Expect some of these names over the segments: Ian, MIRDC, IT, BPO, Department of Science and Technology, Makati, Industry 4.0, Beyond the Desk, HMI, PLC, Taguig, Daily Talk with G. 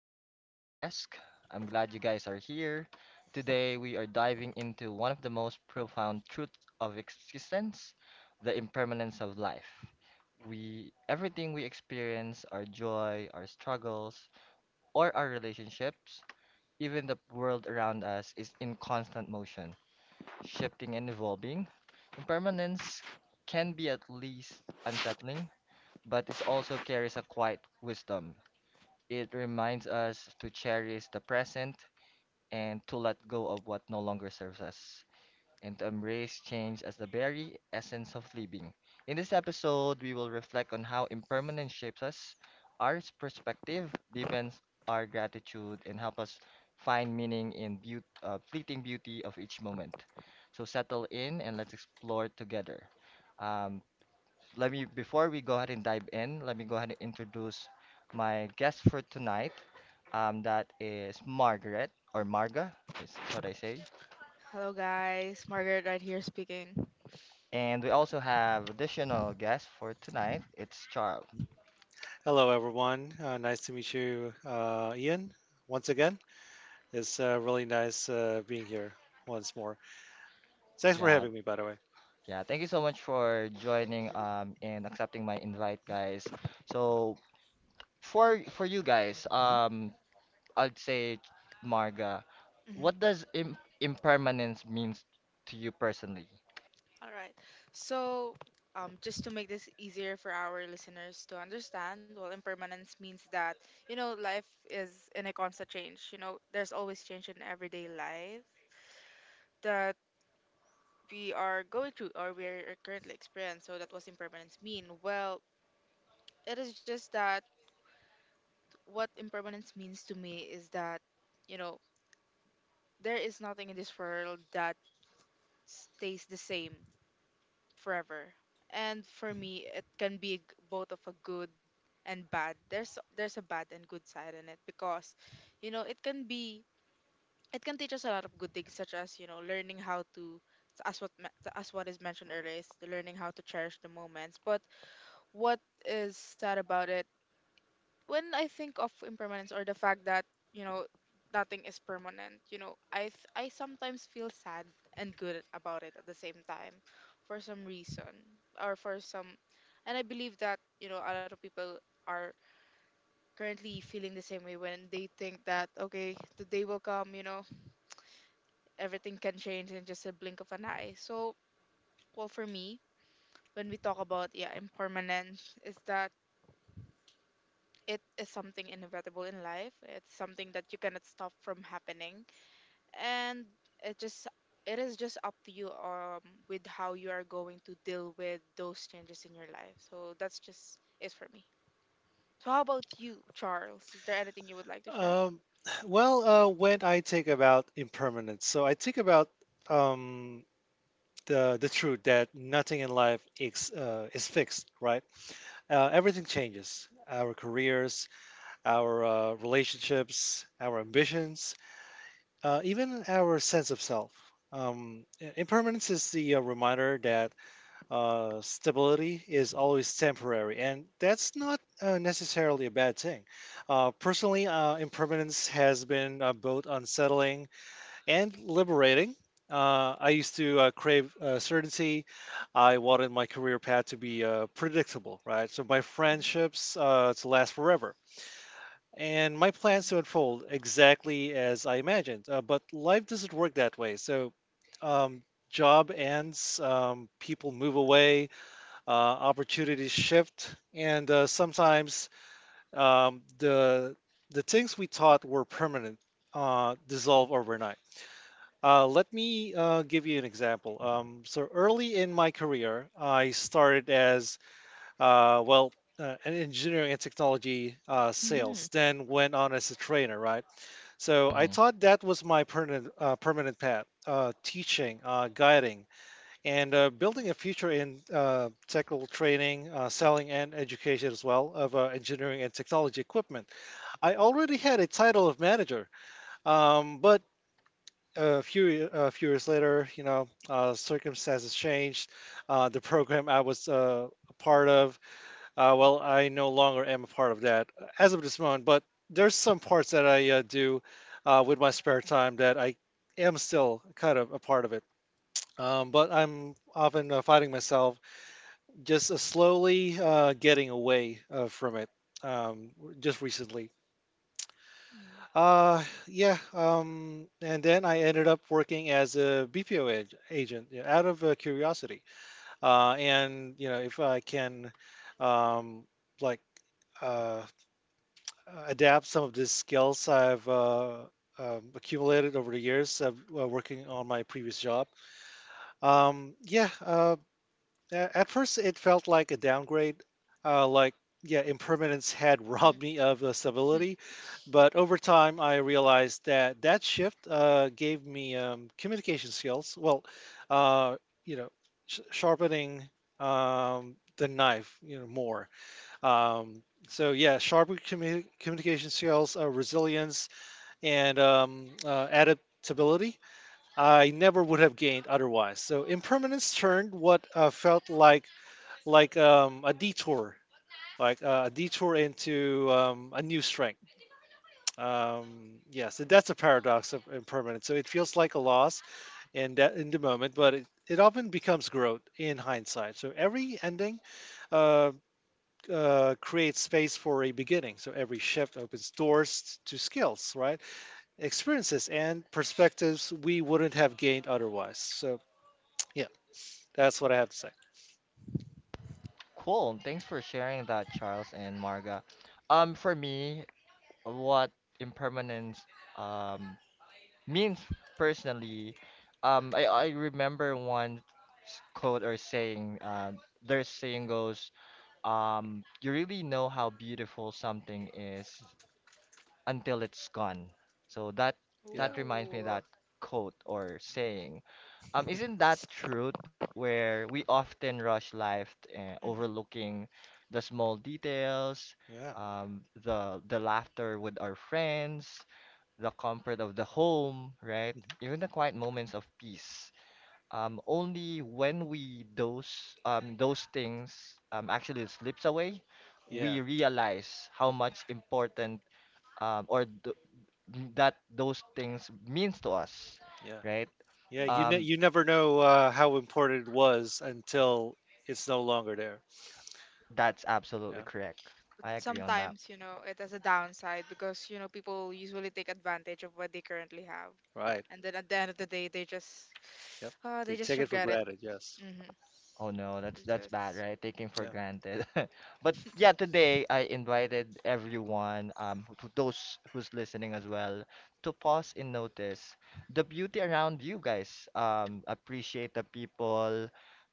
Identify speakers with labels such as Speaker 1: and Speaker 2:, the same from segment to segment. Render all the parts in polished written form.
Speaker 1: to the Beyond the Desk. I'm glad you guys are here. Today we are diving into one of the most profound truths of existence, the impermanence of life. We everything we experience, our joy, our struggles, or our relationships, even the world around us is in constant motion, shifting and evolving. Impermanence can be at least unsettling, but it also carries a quiet wisdom it reminds us to cherish the present and to let go of what no longer serves us and to embrace change as the very essence of living. In this episode, we will reflect on how impermanence shapes us, our perspective deepens our gratitude, and help us find meaning in fleeting beauty of each moment. So settle in and let's explore together. Um, Let me before we go ahead and dive in, let me go ahead and introduce my guest for tonight. That is Margaret or Marga, is what I say.
Speaker 2: Hello, guys. Margaret right here speaking.
Speaker 1: And we also have additional guest for tonight. It's Charles.
Speaker 3: Hello, everyone. Nice to meet you, Ian, once again. It's really nice being here once more. Thanks for
Speaker 1: Yeah,
Speaker 3: having me, by the way.
Speaker 1: yeah. Thank you so much for joining and accepting my invite, guys. So for you guys, I'd say Marga,
Speaker 2: Mhm.
Speaker 1: what does im impermanence means to you personally?
Speaker 2: All right. So, just to make this easier for our listeners to understand, well, impermanence means that, you know, life is in a constant change. You know, there's always change in everyday life that we are going through or we're currently experiencing. So, that was impermanence mean? Well, it is just that what impermanence means to me is that, you know, there is nothing in this world that stays the same forever. And for
Speaker 3: Mhm.
Speaker 2: me, it can be both of a good and bad. There's a bad and good side in it because, you know, it can be it can teach us a lot of good things such as you know learning how to as what is mentioned earlier is the learning how to cherish the moments. But what is sad about it when I think of impermanence or the fact that you know nothing is permanent, you know, I sometimes feel sad and good about it at the same time, for some reason or for some, and I believe that you know a lot of people are currently feeling the same way when they think that okay, the day will come, you know, everything can change in just a blink of an eye. So well, for me, when we talk about yeah impermanence is that it is something inevitable in life. It's something that you cannot stop from happening, and it just it is just up to you with how you are going to deal with those changes in your life. So that's just it for me. So how about you, Charles? Is there anything you would like to share?
Speaker 3: Um, when I think about impermanence, so I think about um, the truth that nothing in life is fixed, right? Everything changes. Our careers, our relationships, our ambitions, even our sense of self. Impermanence is the reminder that stability is always temporary, and that's not necessarily a bad thing. Personally, impermanence has been both unsettling and liberating. I used to crave certainty. I wanted my career path to be predictable, right? So my
Speaker 2: Mm-hmm.
Speaker 3: friendships to last forever and my plans to unfold exactly as I imagined. But life doesn't work that way. So, um, job ends, people move away, opportunities shift, and sometimes the things we thought were permanent dissolve overnight. Let me give you an example. So early in my career, I started as an engineering and technology
Speaker 2: Mm-hmm. Hmm.
Speaker 3: sales, then went on as a trainer, right? So I
Speaker 1: hmm
Speaker 3: thought that was my permanent path: teaching, guiding, and building
Speaker 2: Hmm.
Speaker 3: a future in technical training, selling, and education as well of engineering and technology equipment. I already had a title of manager, but a few years later, you know, circumstances changed. The program I was a part of I no longer am a part of that as of this moment, but there's some parts that I do with my spare time that I am still kind of a part of it. But I'm often finding myself just slowly getting away from it um, just recently. Yeah, and then I ended up working as a BPO agent, you know, out of curiosity. And, you know, if I can, um, like, uh, adapt some of the skills I've accumulated over the years of working on my previous job. Um, yeah, uh, at first it felt like a downgrade, uh, like yeah, impermanence had robbed me of stability, but over time I realized that that shift gave me communication skills. Uh, you know, sharpening the knife, you know, more so yeah, sharp communication skills, resilience, and adaptability I never would have gained otherwise. So impermanence turned what felt like like um, a detour, like a detour into a new strength. Yes, and that's a paradox of impermanence. So it feels like a loss in that in the moment, but it often becomes growth in hindsight. So every ending uh, create space for a beginning. So every shift opens doors to skills, right? Experiences and perspectives we wouldn't have gained otherwise. So, yeah, that's what I have to say.
Speaker 1: Cool. Thanks for sharing that, Charles and Marga. For me, what impermanence um means personally, I remember one quote or saying, their saying goes, you really know how beautiful something is until it's gone. So that
Speaker 3: Yeah.
Speaker 1: that reminds me of that
Speaker 2: Ooh.
Speaker 1: quote or saying. Isn't that truth where we often rush life,
Speaker 2: Mm-hmm.
Speaker 1: overlooking the small details,
Speaker 3: Yeah.
Speaker 1: the laughter with our friends, the comfort of the home, right?
Speaker 3: Mhm.
Speaker 1: Even the quiet moments of peace. Only when we those things actually slips away,
Speaker 3: Yeah.
Speaker 1: we realize how much important or th that those things means to us,
Speaker 3: Yeah.
Speaker 1: right?
Speaker 3: Yeah.
Speaker 1: Um,
Speaker 3: You never know how important it was until it's no longer there.
Speaker 1: that's absolutely
Speaker 3: Yeah.
Speaker 1: correct.
Speaker 2: But
Speaker 1: I agree on that.
Speaker 2: sometimes you know it has a downside because you know people usually take advantage of what they currently have,
Speaker 3: Right.
Speaker 2: and then at the end of the day
Speaker 3: Yep. They
Speaker 2: they just
Speaker 3: take it for
Speaker 2: regret it.
Speaker 3: granted. Yes.
Speaker 2: Mm-hmm.
Speaker 1: Oh no,
Speaker 2: It's
Speaker 1: that's bad,
Speaker 2: just
Speaker 1: right? Taking for
Speaker 3: Yeah.
Speaker 1: granted. But yeah, today I invited everyone, who- to those who's listening as well, to pause and notice the beauty around you guys. Appreciate the people,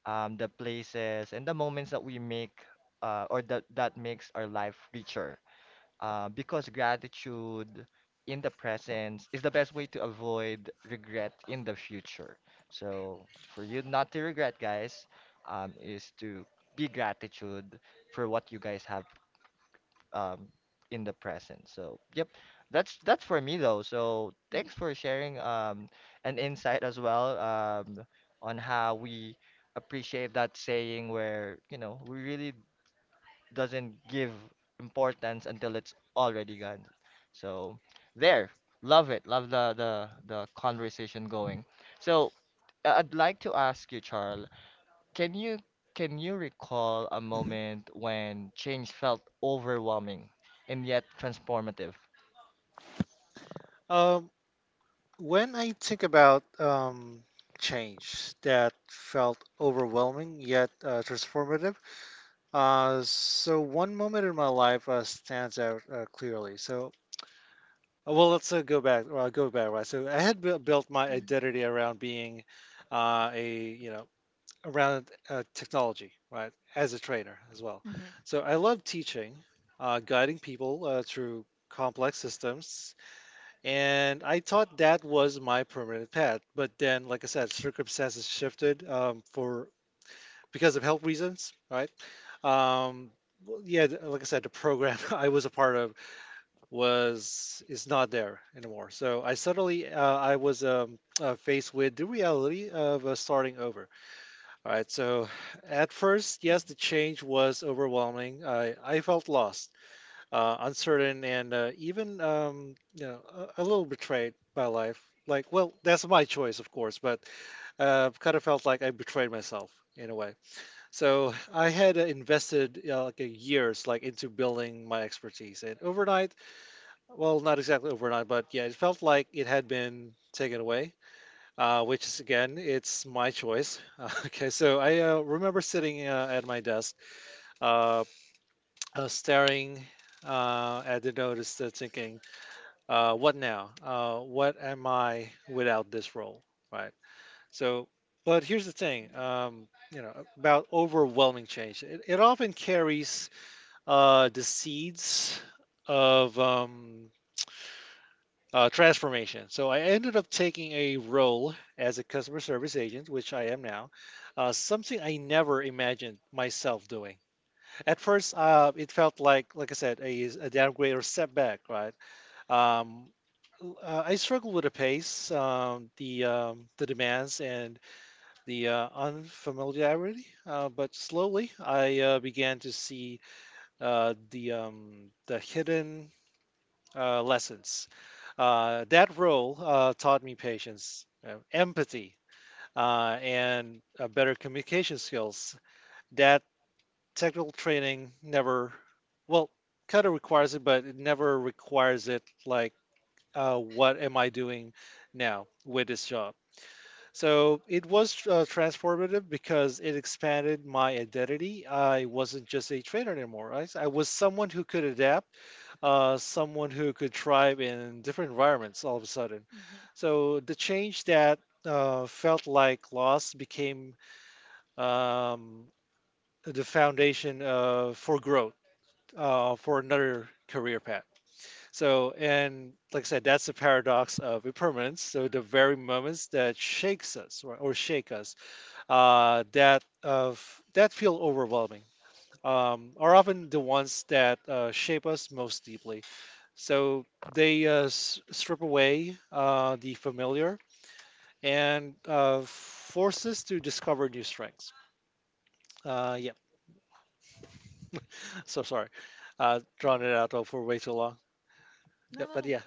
Speaker 1: the places, and the moments that we make, or that that makes our life richer. Because gratitude in the presence is the best way to avoid regret in the future. So for you not to regret, guys, is to be gratitude for what you guys have um, in the present. So yep, that's for me though. So thanks
Speaker 2: mm-hmm,
Speaker 1: for sharing an insight as well on how we appreciate that saying where you know we really doesn't give importance until it's already gone. So there, love it, love the the conversation going. So I'd like to ask you, Charles, can you can you recall a
Speaker 3: Mhm.
Speaker 1: moment when change felt overwhelming and yet transformative?
Speaker 3: Um, When I think about change that felt overwhelming yet transformative, so one moment in my life stands out clearly. So, well, let's go back. Well, go back, right? So, I had built built my
Speaker 2: mm-hmm,
Speaker 3: identity around being a, you know, around technology, right? As a trainer as well.
Speaker 2: mm-hmm, mm-hmm.
Speaker 3: So, I love teaching, guiding people through complex systems and I thought that was my permanent pet, but then, like I said, circumstances shifted for because of health reasons, right? Um, like I said, the program I was a part of was is not there anymore. So I suddenly I was faced with the reality of starting over. All right, so at first, yes, the change was overwhelming. I felt lost, uncertain, and even you know, a little betrayed by life. Like, well, that's my choice, of course, but kind of felt like I betrayed myself in a way. So I had invested you like a years like into building my expertise, and overnight, well, not exactly overnight, but yeah, it felt like it had been taken away. Which is again, it's my choice. Okay, so I remember sitting at my desk, uh, staring at the notice, thinking, what now? What am I without this role? Right. So, but here's the thing, you know, about overwhelming change. It often carries the seeds of transformation. So I ended up taking a role as a customer service agent, which I am now, something I never imagined myself doing. At first, it felt like I said, a downgrade or setback, right? Um, I struggle with the pace, the demands, and the unfamiliarity. But slowly, I began to see the hidden lessons. That role taught me patience, empathy, and better communication skills. That technical training never, well, kind of requires it, but it never requires it like what am I doing now with this job? So it was transformative because it expanded my identity. I wasn't just a trainer anymore. I was someone who could adapt, someone who could thrive in different environments all of a sudden.
Speaker 2: Mhm.
Speaker 3: So the change that felt like loss became um, the foundation for growth for another career path. So, and like I said, that's the paradox of impermanence. So, the very moments that shake us, that feel overwhelming, are often the ones that shape us most deeply. So they strip away the familiar and force us to discover new strengths. Yeah, so sorry, drawn it out for way too long.
Speaker 2: No,
Speaker 3: Yeah,
Speaker 2: no,
Speaker 3: but
Speaker 2: no.
Speaker 3: yeah.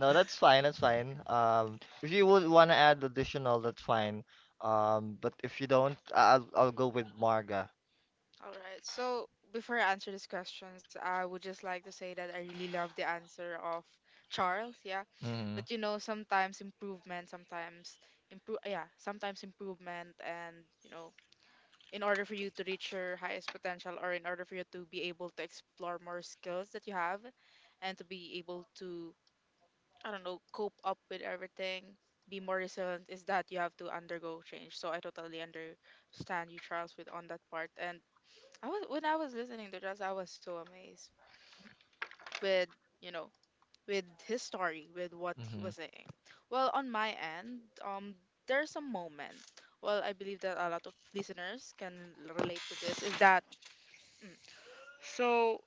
Speaker 1: No, that's fine, that's fine. If you would want to add additional, that's fine. But if you don't, I'll go with Marga.
Speaker 2: All right. So before I answer these questions, I would just like to say that I really love the answer of Charles. Yeah,
Speaker 1: Mm-hmm.
Speaker 2: but you know, sometimes improvement, sometimes improve. Yeah, sometimes improvement, and you know, in order for you to reach your highest potential or in order for you to be able to explore more skills that you have and to be able to I don't know cope up with everything, be more resilient, is that you have to undergo change. So I totally understand you Charles with on that part. And I was when I was listening to Charles, I was so amazed with you know with his story, with what he
Speaker 1: Mm-hmm.
Speaker 2: was saying. Well, on my end, there's a moment, well, I believe that a lot of listeners can relate to this, is that mm, so,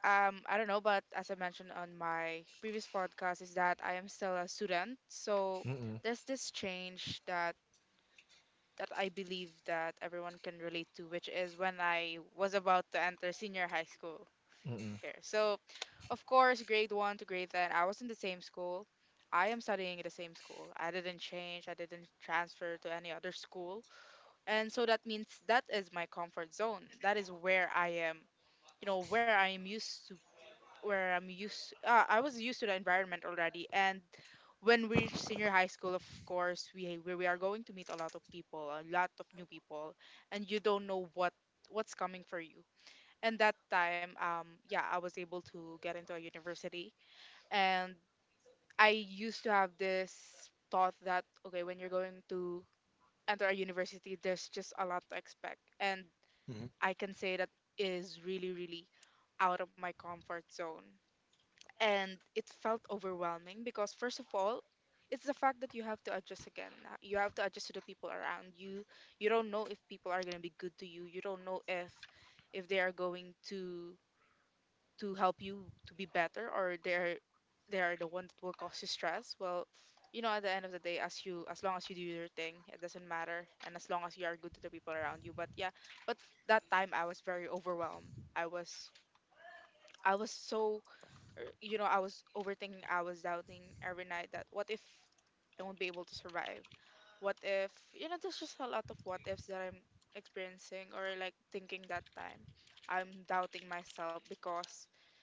Speaker 2: I don't know, but as I mentioned on my previous podcast, is that I am still a student. So
Speaker 1: Mm-mm.
Speaker 2: there's this change that that I believe that everyone can relate to, which is when I was about to enter senior high school here. So of course, grade one to grade ten, I was in the same school. I am studying in the same school. I didn't change. I didn't transfer to any other school. And so that means that is my comfort zone. That is where I am you know where I am used to, where I was used to the environment already. And when we reach senior high school, of course we are going to meet a lot of people, a lot of new people, and you don't know what what's coming for you. And that time yeah I was able to get into a university. And I used to have this thought that okay, when you're going to enter a university, there's just a lot to expect, and
Speaker 3: Hmm.
Speaker 2: I can say that is really, really out of my comfort zone. And it felt overwhelming because, first of all, it's the fact that you have to adjust again. You have to adjust to the people around you. You don't know if people are going to be good to you. You don't know if they are going to help you to be better, or they are the one that will cause you stress. Well, you know at the end of the day, as you as long as you do your thing, it doesn't matter, and as long as you are good to the people around you. But yeah, but that time I was very overwhelmed. I was so you know, I was overthinking, I was doubting every night that what if I won't be able to survive? What if, you know, there's just a lot of what ifs that I'm experiencing or like thinking that time. I'm doubting myself because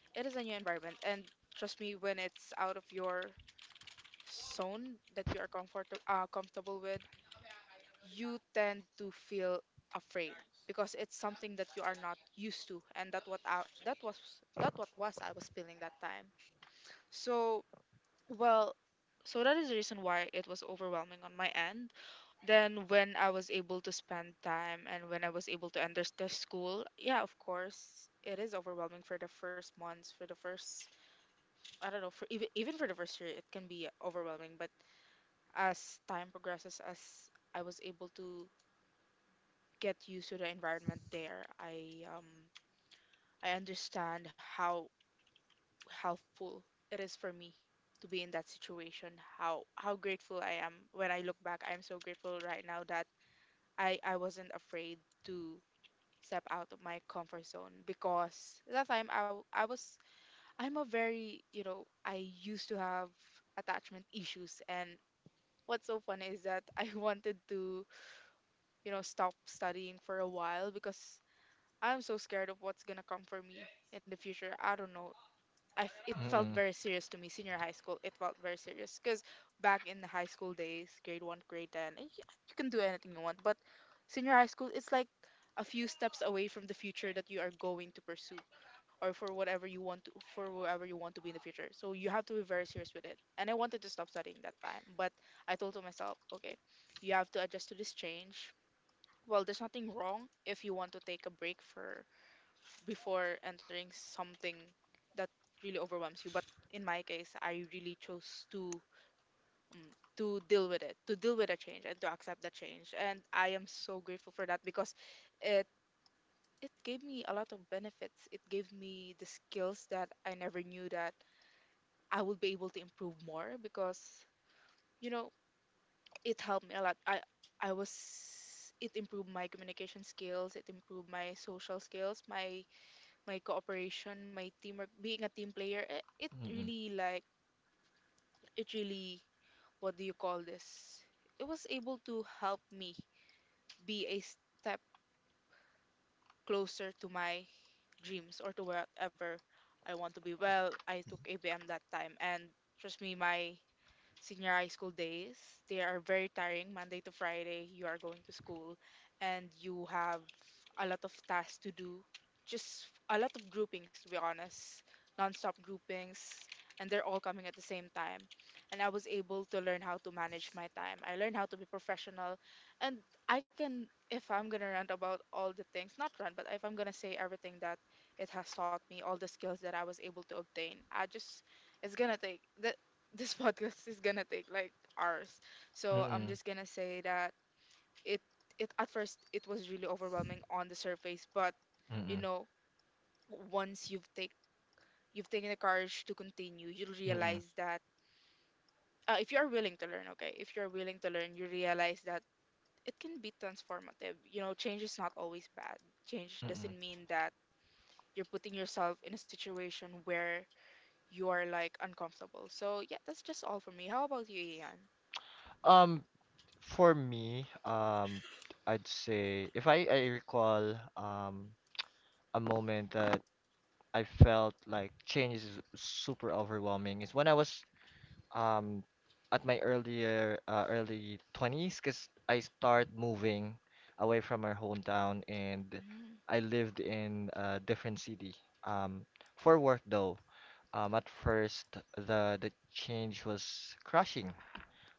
Speaker 2: it is a new environment. And trust me, when it's out of your zone that you are comfortable with, you tend to feel afraid because it's something that you are not used to. And that what I, that was that what was I was feeling that time. So, well, so that is the reason why it was overwhelming on my end. Then, when I was able to spend time and when I was able to enter the school, yeah, of course, it is overwhelming for the first months, for the first, I don't know, for even, even for the first year, it can be overwhelming. But as time progresses, as I was able to get used to the environment there, I understand how helpful it is for me to be in that situation, how grateful I am. When I look back, I'm so grateful right now that I wasn't afraid to step out of my comfort zone, because that time I was I'm a very you know I used to have attachment issues. And what's so funny is that I wanted to you know stop studying for a while because I'm so scared of what's gonna come for me in the future. I don't know. It felt
Speaker 1: Mm-mm.
Speaker 2: very serious to me. Senior high school, it felt very serious because back in the high school days, grade one, grade ten, and you can do anything you want. But senior high school, it's like a few steps away from the future that you are going to pursue, or for whatever you want to, for whatever you want to be in the future. So you have to be very serious with it. And I wanted to stop studying that time, but I told to myself, okay, you have to adjust to this change. Well, there's nothing wrong if you want to take a break for before entering something that really overwhelms you. But in my case, I really chose to mm, to deal with it, to deal with a change, and to accept the change. And I am so grateful for that because it it gave me a lot of benefits. It gave me the skills that I never knew that I would be able to improve more, because you know it helped me a lot. I was it improved my communication skills, it improved my social skills, my cooperation, my teamwork, being a team player, eh, it
Speaker 1: Mm,
Speaker 2: really like it really what do you call this? It was able to help me be a step closer to my dreams or to whatever I want to be. Well, I took ABM that time and trust me my senior high school days. They are very tiring. Monday to Friday, you are going to school and you have a lot of tasks to do. Just a lot of groupings, to be honest, non-stop groupings, and they're all coming at the same time. And I was able to learn how to manage my time. I learned how to be professional, and I can, if I'm gonna rant about all the things, not rant, but if I'm gonna say everything that it has taught me, all the skills that I was able to obtain, I just it's gonna take that this podcast is gonna take like hours. So I'm
Speaker 1: mm,
Speaker 2: just gonna say that it it at first it was really overwhelming on the surface, but you
Speaker 1: mm,
Speaker 2: know once you've take you've taken the courage to continue, you'll
Speaker 1: mm,
Speaker 2: realize that if you are willing to learn, okay, if you're willing to learn, you realize that it can be transformative. You know, change is not always bad. Change
Speaker 1: mm.
Speaker 2: doesn't mean that you're putting yourself in a situation where you are like uncomfortable. So yeah, that's just all for me. How about you, Ian?
Speaker 1: Um, for me, I'd say if I recall a moment that I felt like change is super overwhelming is when I was um at my earlier early 20s because I start moving away from our hometown and
Speaker 2: Mm-hmm.
Speaker 1: I lived in a different city um for work though. At first, the change was crushing.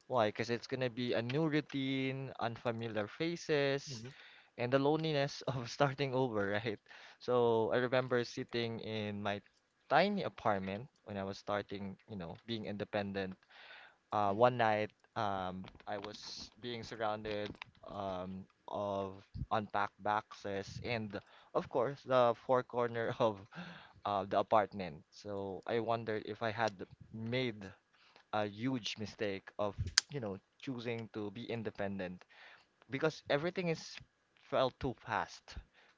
Speaker 1: Why? Because it's gonna be a new routine, unfamiliar faces,
Speaker 3: Hmm.
Speaker 1: and the loneliness of starting over, right? So I remember sitting in my tiny apartment when I was starting, you know, being independent, one
Speaker 2: Mm-hmm.
Speaker 1: night I was being surrounded of unpacked boxes and of course the four corner of the apartment. So I wondered if I had made a huge mistake of you know choosing to be independent because everything is felt too fast,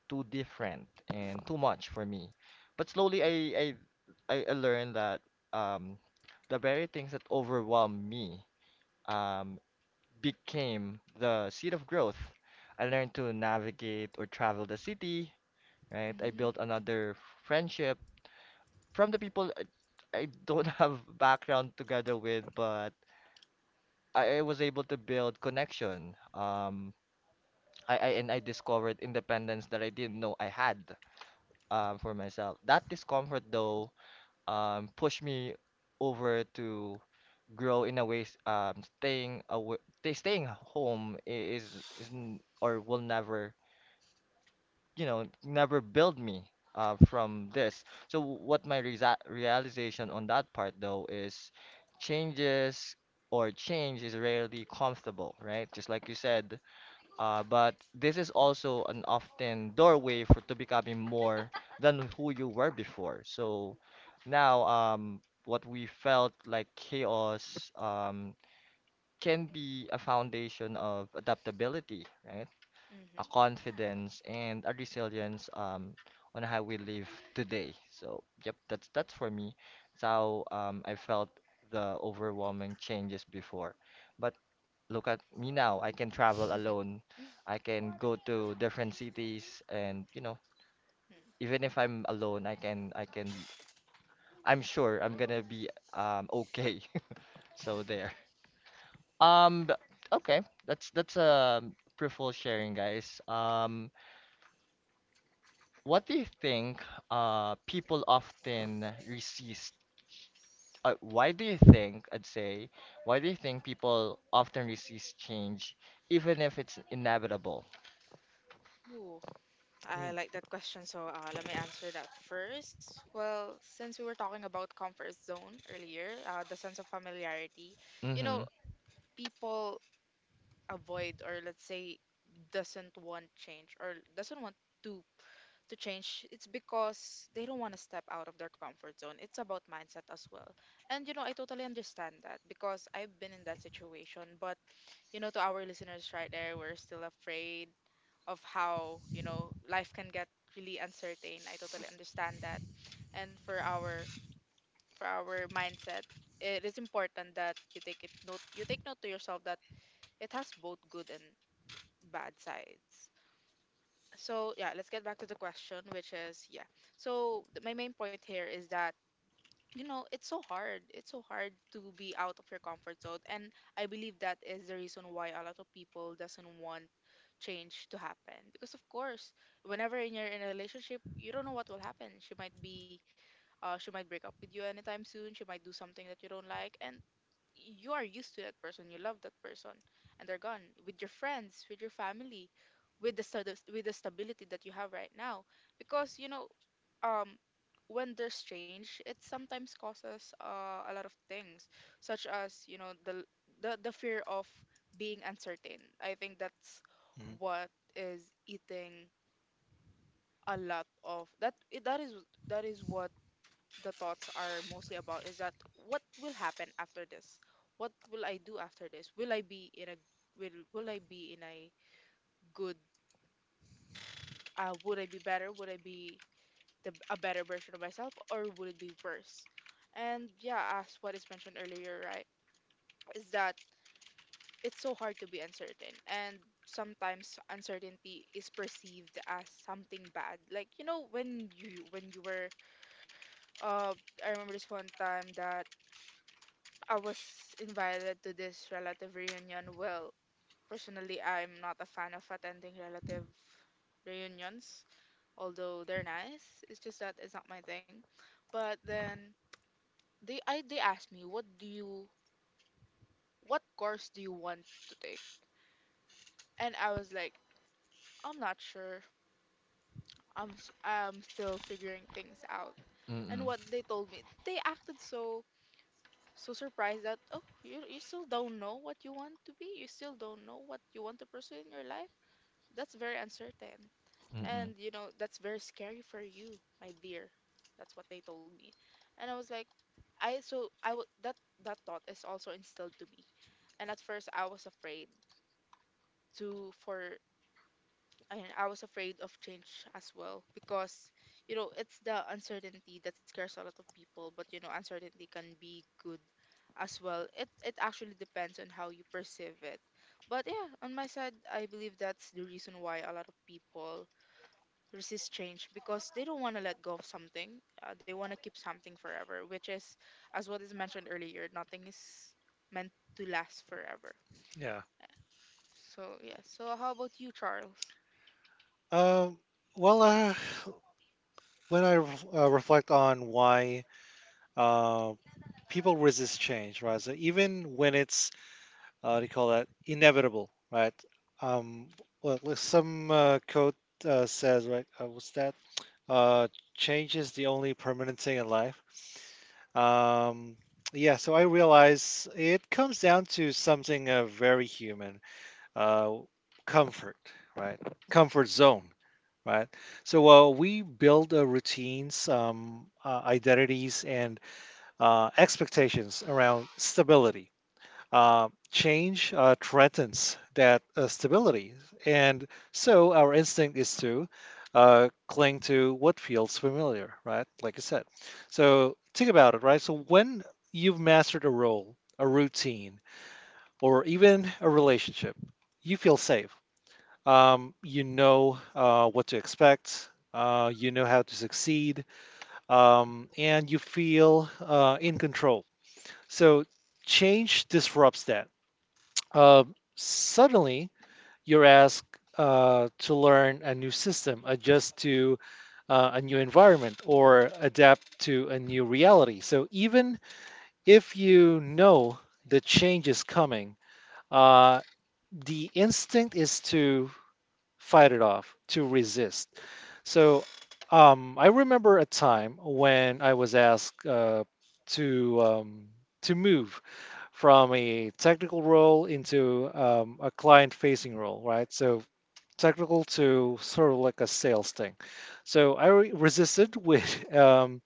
Speaker 1: too different, and too much for me. But slowly I learned that um, the very things that overwhelm me um, became the seat of growth. I learned to navigate or travel the city, right? I built
Speaker 2: Mhm.
Speaker 1: another friendship from the people I don't have background together with, but I was able to build connection. I and I discovered independence that I didn't know I had for myself. That discomfort, though, pushed me over to grow in a way staying away they staying home is n- or will never you know never build me from this. So what my resa realization on that part though is changes change is rarely comfortable right just like you said, but this is also an often doorway for to becoming more than who you were before. So now what we felt like chaos can be a foundation of adaptability, right? A
Speaker 2: Mhm.
Speaker 1: confidence and a resilience on how we live today. So, yep, that's for me. It's how I felt the overwhelming changes before. But look at me now. I can travel alone.
Speaker 2: Mm.
Speaker 1: I can go to different cities, and you know, even if I'm alone, I can I can. I'm sure I'm gonna be okay. So there. Um, okay, that's a fruitful sharing, guys. What do you think people often resist? Why do you think, I'd say, why do you think people often resist change, even if it's inevitable?
Speaker 2: Ooh, I
Speaker 3: Hmm.
Speaker 2: like that question. So let me answer that first. Well, since we were talking about comfort zone earlier, the sense of familiarity, you
Speaker 1: Mm-hmm.
Speaker 2: know, people avoid, or let's say doesn't want change, or doesn't want to to change. It's because they don't want to step out of their comfort zone. It's about mindset as well. And I totally understand that, because I've been in that situation, but to our listeners right there, we're still afraid of how life can get really uncertain. I totally understand that. And for our mindset, it is important that you take note to yourself that it has both good and bad sides. So yeah, let's get back to the question, which is, yeah. So my main point here is that, it's so hard to be out of your comfort zone. And I believe that is the reason why a lot of people doesn't want change to happen, because, of course, whenever in you're in a relationship, you don't know what will happen. She might be, she might break up with you anytime soon. She might do something that you don't like, and you are used to that person, you love that person, and they're gone. With your friends, with your family, with the stability that you have right now. Because, um when there's change, it sometimes causes, a lot of things, such as, the fear of being uncertain. I think that's
Speaker 3: Hmm.
Speaker 2: what is eating a lot of that. That is what the thoughts are mostly about, is that what will happen after this. What will I do after this? Will I be in a good, would I be the a better version of myself, or would it be worse? And yeah, as what is mentioned earlier, right, is that it's so hard to be uncertain. And sometimes uncertainty is perceived as something bad. Like, when you were uh I remember this one time that I was invited to this relative reunion. Well, personally I'm not a fan of attending relative reunions, although they're nice. It's just that it's not my thing. But then they asked me, what course do you want to take? And I was like, I'm not sure, I'm still figuring things out. And
Speaker 1: Mm-mm.
Speaker 2: what they told me, they acted so surprised that, oh, you still don't know what you want to be, you still don't know what you want to pursue in your life. That's very uncertain.
Speaker 1: Mm-mm.
Speaker 2: And, that's very scary for you, my dear. That's what they told me. And I was like, I, so I would, that, that thought is also instilled to me. And at first to, for, I was afraid of change as well, because, it's the uncertainty that scares a lot of people. But, uncertainty can be good as well. It actually depends on how you perceive it. But yeah, on my side, I believe that's the reason why a lot of people resist change, because they don't want to let go of something. They want to keep something forever, which is, as what is mentioned earlier, nothing is meant to last forever.
Speaker 3: Yeah.
Speaker 2: So yeah. So how about you, Charles?
Speaker 3: Um, well, uh, when I reflect on why uh, people resist change, right? So even when it's, they call that inevitable, right? Um, like some quote says, right? What's that? Uh, Change is the only permanent thing in life. Um, yeah, so I realize it comes down to something very human, uh, comfort, right? Comfort zone, right? So we build routines, identities, and
Speaker 2: Mm-hmm.
Speaker 3: expectations around stability. Change threatens that stability, and so our instinct is to cling to what feels familiar, right? Like I said. So think about it, right? So when you've mastered a role, a routine, or even a relationship, you feel safe, you know what to expect. You know how to succeed, and you feel in control. So change disrupts that. Suddenly, you're asked to learn a new system, adjust to a new environment, or adapt to a new reality. So even if you know the change is coming, uh, the instinct is to fight it off, to resist. So I remember a time when I was asked to um, to move from a technical role into a client-facing role, right? So technical to sort of like a sales thing. So I resisted with um,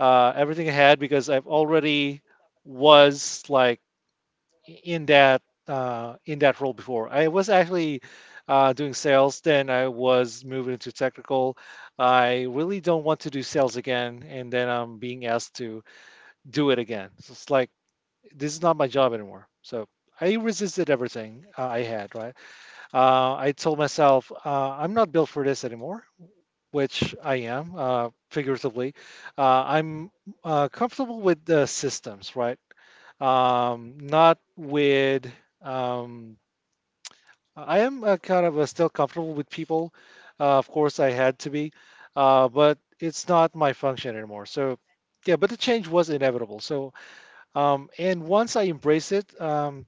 Speaker 3: uh, everything I had because I've already was like in that in that role before. I was actually doing sales, then I was moving into technical. I really don't want to do sales again, and then I'm being asked to do it again. So it's like this is not my job anymore. So I resisted everything I had. Right? I told myself I'm not built for this anymore. Which I am, figuratively. I'm comfortable with the systems, right? Not with. Um, I am kind of still comfortable with people. Of course, I had to be, but it's not my function anymore. So, yeah, but the change was inevitable. So, and once I embraced it, um,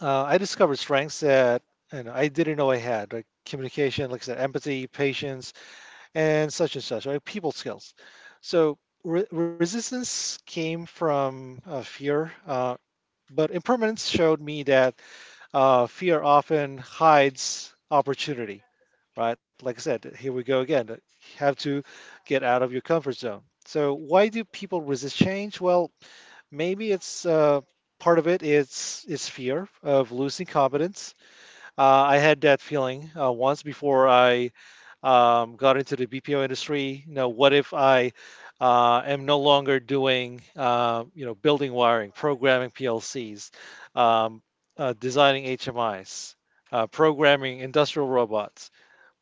Speaker 3: uh, I discovered strengths that, you know, I didn't know I had, like communication, like I said, empathy, patience, and such, right? People skills. So resistance came from fear, but impermanence showed me that fear often hides opportunity, right? Like I said, here we go again. You have to get out of your comfort zone. So why do people resist change? Well, maybe it's part of it is fear of losing competence. I had that feeling once before I got into the BPO industry. You know, what if I am no longer doing, building wiring, programming PLCs, um, designing HMIs, programming industrial robots?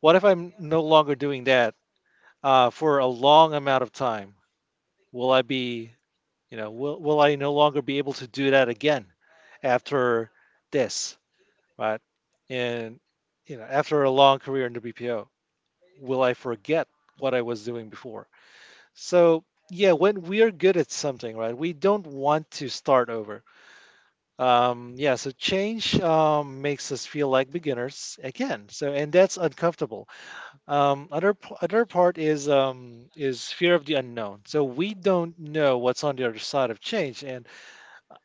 Speaker 3: What if I'm no longer doing that for a long amount of time? Will I be, will I no longer be able to do that again after this, right? And after a long career in WPO, will I forget what I was doing before? So yeah, when we are good at something, right, we don't want to start over. Yeah, so change makes us feel like beginners again. So and that's uncomfortable. Other part is fear of the unknown. So we don't know what's on the other side of change, and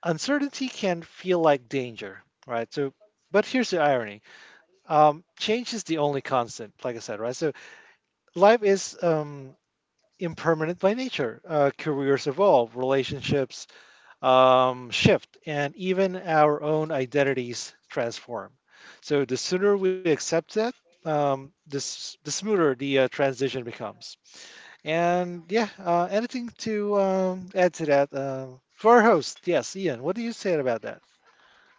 Speaker 3: uncertainty can feel like danger, right? So, but here's the irony: change is the only constant, like I said, right? So life is impermanent by nature. Careers evolve, relationships shift, and even our own identities transform. So the sooner we accept that, this the smoother the transition becomes. And yeah, anything to add to that for our host? Yes, Ian. What do you say about that?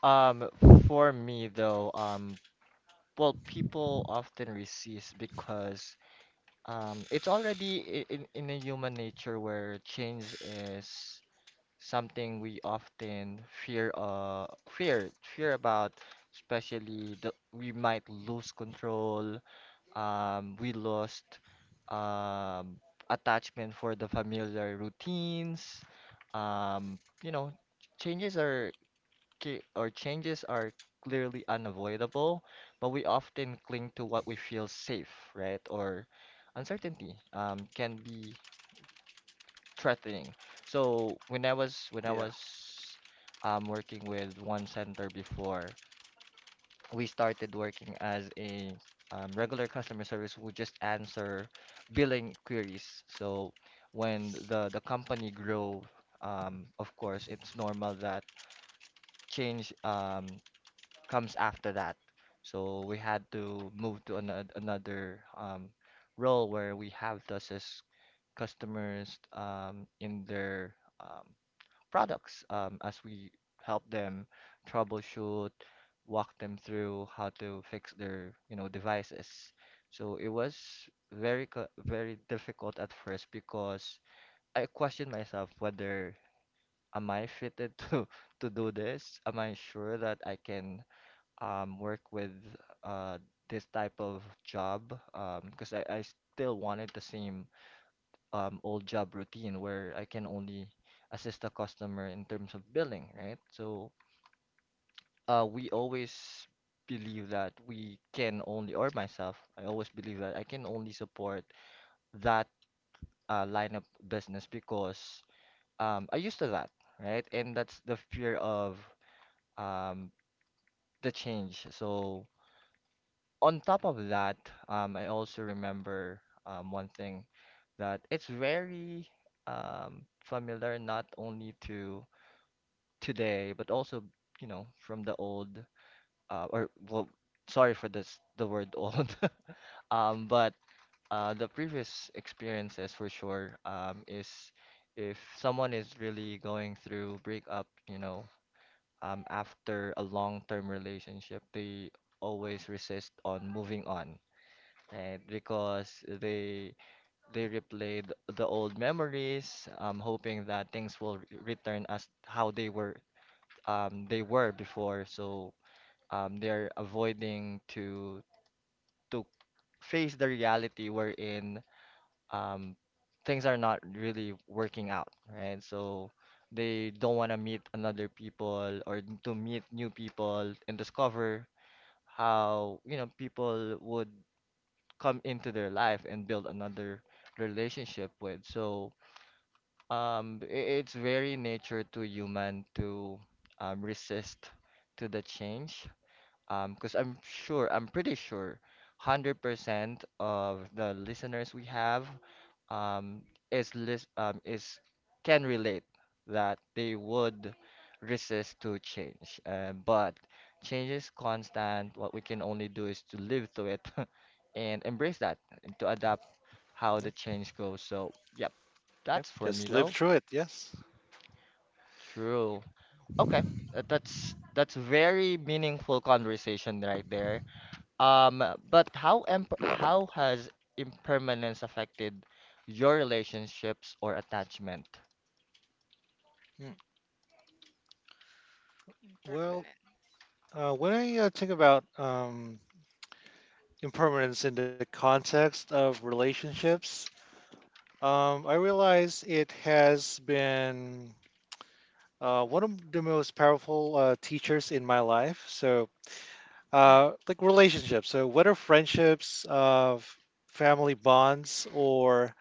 Speaker 1: Um, for me though, well, people often resist because it's already in a human nature where change is something we often fear fear about especially the we might lose control we lost um attachment for the familiar routines um you know changes are changes are clearly unavoidable but we often cling to what we feel safe right or uncertainty can be threatening. So when I
Speaker 3: Yeah.
Speaker 1: was working with one center before, we started working as a regular customer service who just answer billing queries. So when the company grow, of course, it's normal that change comes after that. So we had to move to another um, role where we have to assist customers in their products as we help them troubleshoot, walk them through how to fix their, you know, devices. So it was very difficult at first because I questioned myself whether am I fitted to to do this? Am I sure that I can work with uh, this type of job? Because I still wanted the same old job routine where I can only assist the customer in terms of billing, right? So we always believe that we can only, or myself, I always believe that I can only support that line of business because I used to that, right? And that's the fear of um, the change. So on top of that, I also remember one thing that it's very familiar not only to today, but also, you know, from the old, uh, or well, sorry for this, the word old, but the previous experiences for sure, is if someone is really going through breakup, you know, after a long-term relationship, they always resist on moving on. Right, because they they replay the old memories, hoping that things will return as how they were they were before. So they're avoiding to face the reality wherein um, things are not really working out, right? So they don't want to meet another people or to meet new people and discover how, you know, people would come into their life and build another relationship with. So it's very nature to human to resist to the change. Because I'm sure, I'm pretty sure, 100% of the listeners we have um, is can relate that they would resist to change. But change is constant. What we can only do is to live through it and embrace that and to adapt how the change goes. So, yep,
Speaker 3: Yep.
Speaker 1: that's for me
Speaker 3: Just live
Speaker 1: though.
Speaker 3: through it. Yes.
Speaker 1: True. Okay, that's very meaningful conversation right there. Um, but how has impermanence affected your relationships or attachment?
Speaker 3: Mm. Well,
Speaker 2: Impermanence.
Speaker 3: When I think about impermanence in the context of relationships, I realize it has been one of the most powerful teachers in my life. So, like relationships, so whether friendships, family bonds, or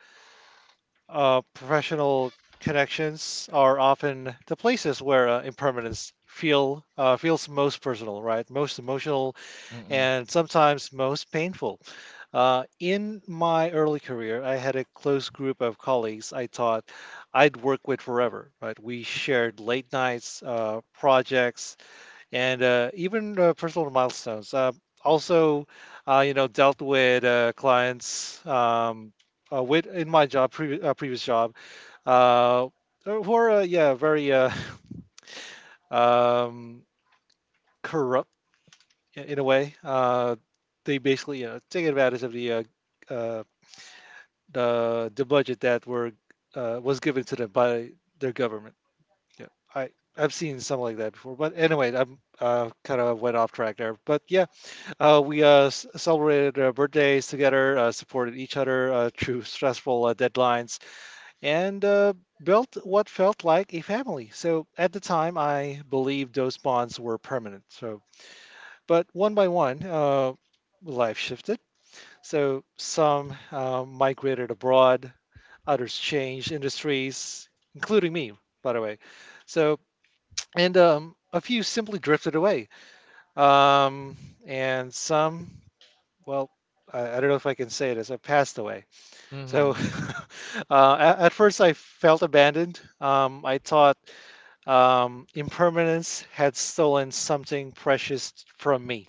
Speaker 3: professional connections are often the places where impermanence feels most personal, right? Most emotional,
Speaker 1: Mm-mm.
Speaker 3: and sometimes most painful. In my early career, I had a close group of colleagues I thought I'd work with forever. Right, we shared late nights, projects, and even personal milestones. Also, dealt with clients with in my job, previous job, uh, who are yeah very um, corrupt in a way. They basically you know, take advantage of the uh, the budget that were was given to them by their government. Yeah, I I've seen something like that before. But anyway, I'm kind of went off track there. But yeah, we celebrated birthdays together, supported each other through stressful deadlines, and built what felt like a family. So at the time, I believed those bonds were permanent. So, but one by one. Life shifted. So some migrated abroad, others changed industries, including me, by the way. So, and a few simply drifted away. Um, and some, well, I don't know if I can say this, I passed away. So,
Speaker 1: Mm-hmm.
Speaker 3: at first, I felt abandoned. I thought impermanence had stolen something precious from me.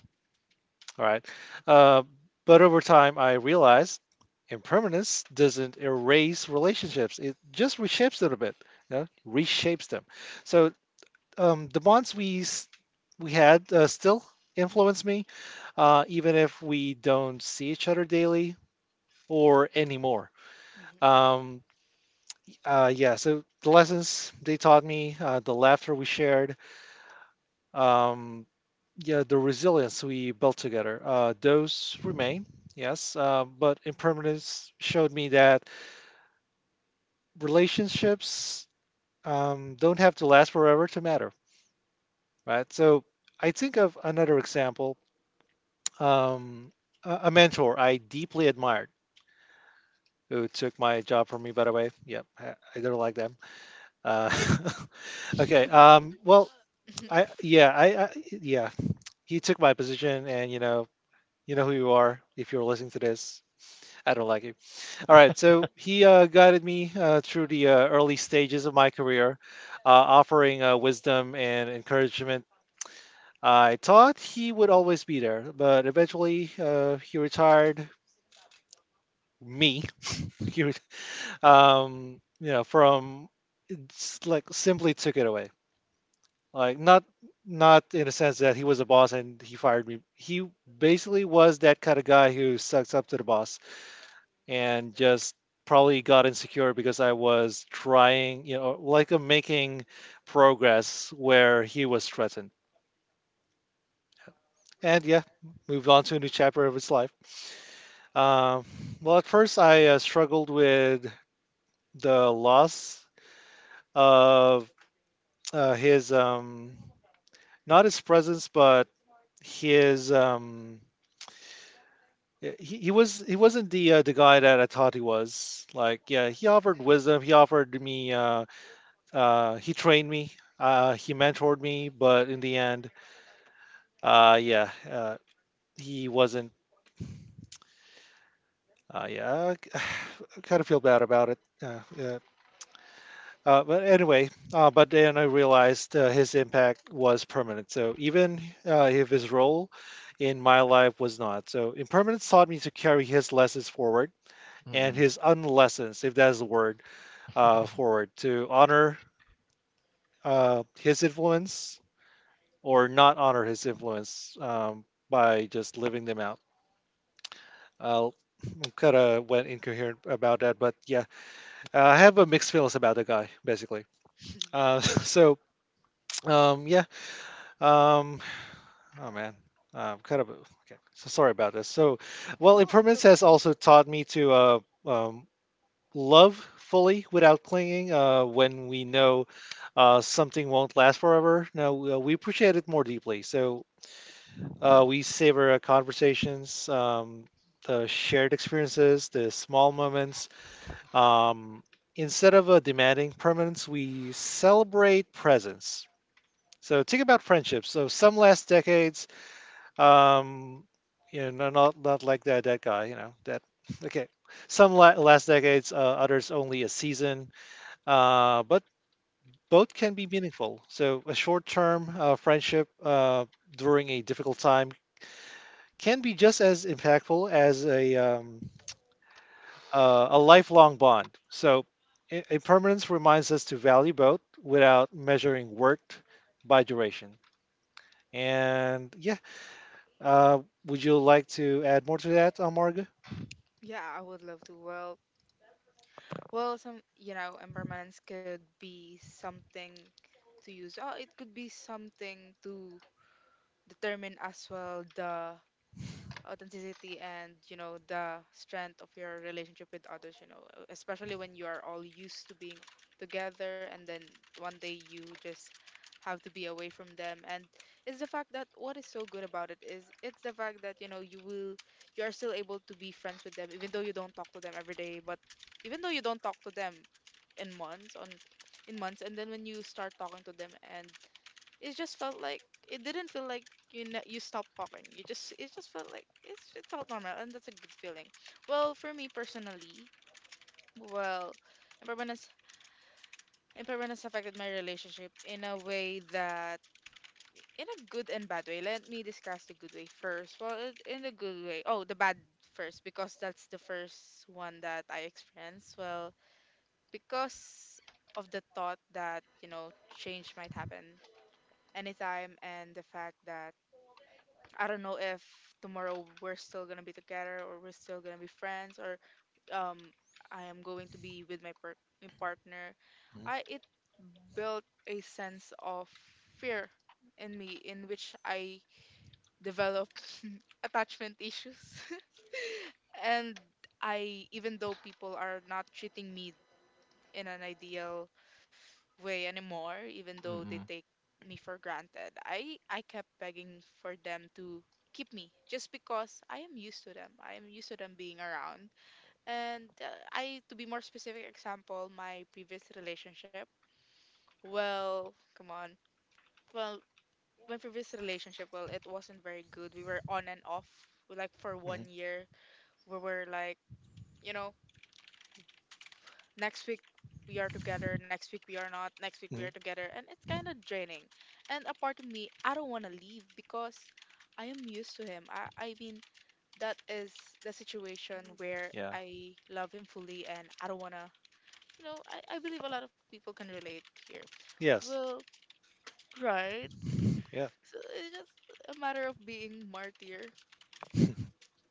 Speaker 3: All right. Uh, but over time, I realized impermanence doesn't erase relationships. It just reshapes them a bit, you know, reshapes them. So the bonds we had still influence me, even if we don't see each other daily or anymore. Um, yeah. So the lessons they taught me, the laughter we shared, um, yeah, the resilience we built together. Those remain, yes, but impermanence showed me that relationships don't have to last forever to matter, right? So I think of another example um, a mentor I deeply admired. Who took my job from me, by the way? Yep, I don't like them. Uh, okay. Well,
Speaker 2: Mhm.
Speaker 3: I yeah, he took my position, and you know who you are if you're listening to this. I don't like him. All right, so he guided me through the early stages of my career, offering wisdom and encouragement. I thought he would always be there, but eventually he retired me. he, ret- you know, from it's like simply took it away. Like not not in a sense that he was a boss and he fired me. He basically was that kind of guy who sucks up to the boss and just probably got insecure because I was trying, you know, like I'm making progress where he was threatened. And yeah, moved on to a new chapter of his life. Um, well, at first I struggled with the loss of uh, his, um, not his presence, but his. Um, he was he wasn't the guy that I thought he was. Like yeah, he offered wisdom. He offered me he trained me, he mentored me, but in the end, uh, yeah, uh, he wasn't. Yeah, I kind of feel bad about it. Yeah. But anyway, but then I realized his impact was permanent. So even if his role in my life was not. So impermanence taught me to carry his lessons forward and
Speaker 1: Mm-mm.
Speaker 3: his unlessons, if that is the word, forward to honor his influence or not honor his influence by just living them out. Uh, kind of went incoherent about that, but yeah, I have a mixed feelings about the guy basically.
Speaker 2: Mhm.
Speaker 3: So yeah, um, oh man. Kind of okay. So sorry about this. So, well,
Speaker 2: No, it's
Speaker 3: impermanence
Speaker 2: okay.
Speaker 3: has also taught me to um, love fully without clinging. When we know something won't last forever, now we appreciate it more deeply. So we savor our conversations, the shared experiences, the small moments. Um, Instead of demanding permanence, we celebrate presence. So think about friendships. So some last decades, um, you know, not not like that that guy, you know, that okay. Some last decades, others only a season, but both can be meaningful. So a short-term friendship during a difficult time can be just as impactful as a lifelong bond. So, impermanence reminds us to value both without measuring worth by duration. And yeah, uh, would you like to add more to that, Amarga?
Speaker 2: Yeah, I would love to. Well, some, impermanence could be something to use. Oh, it could be something to determine as well, the authenticity, and the strength of your relationship with others, especially when you are all used to being together, and then one day you just have to be away from them. And it's the fact that what is so good about it is, it's the fact that, you are still able to be friends with them, even though you don't talk to them every day. But even though you don't talk to them in months on in months, and then when you start talking to them, and, it just felt like it didn't feel like, you stopped walking. You just it just felt like it's It felt normal, and that's a good feeling. Well, for me personally, well, impermanence impermanence affected my relationship in a way that, in a good and bad way. Let me discuss the good way first. Well, in a good way. Oh, the bad first, because that's the first one that I experienced. Well, because of the thought that, change might happen anytime, and the fact that I don't know if tomorrow we're still gonna be together, or we're still gonna be friends, or, um I am going to be with my partner. I It built a sense of fear in me, in which I developed attachment issues. and I Even though people are not treating me in an ideal way anymore, even though they
Speaker 1: Mm-mm.
Speaker 2: take me for granted, I kept begging for them to keep me, just because I am used to them. I am used to them being around. And, I, to be more specific, example, my previous relationship. Well, come on. Well, my previous relationship, well, it wasn't very good. We were on and off, like for
Speaker 3: Mm-hmm.
Speaker 2: one year. We were like, you know, next week we are together, next week we are not, next week we are
Speaker 3: Hmm.
Speaker 2: together, and it's kind of draining. And a part of me, I don't want to leave because I am used to him. I mean, that is the situation where
Speaker 3: Yeah.
Speaker 2: I love him fully, and I don't want to, you know, I believe a lot of people can relate here.
Speaker 3: Yes.
Speaker 2: Well, right.
Speaker 3: Yeah.
Speaker 2: So it's just a matter of being martyr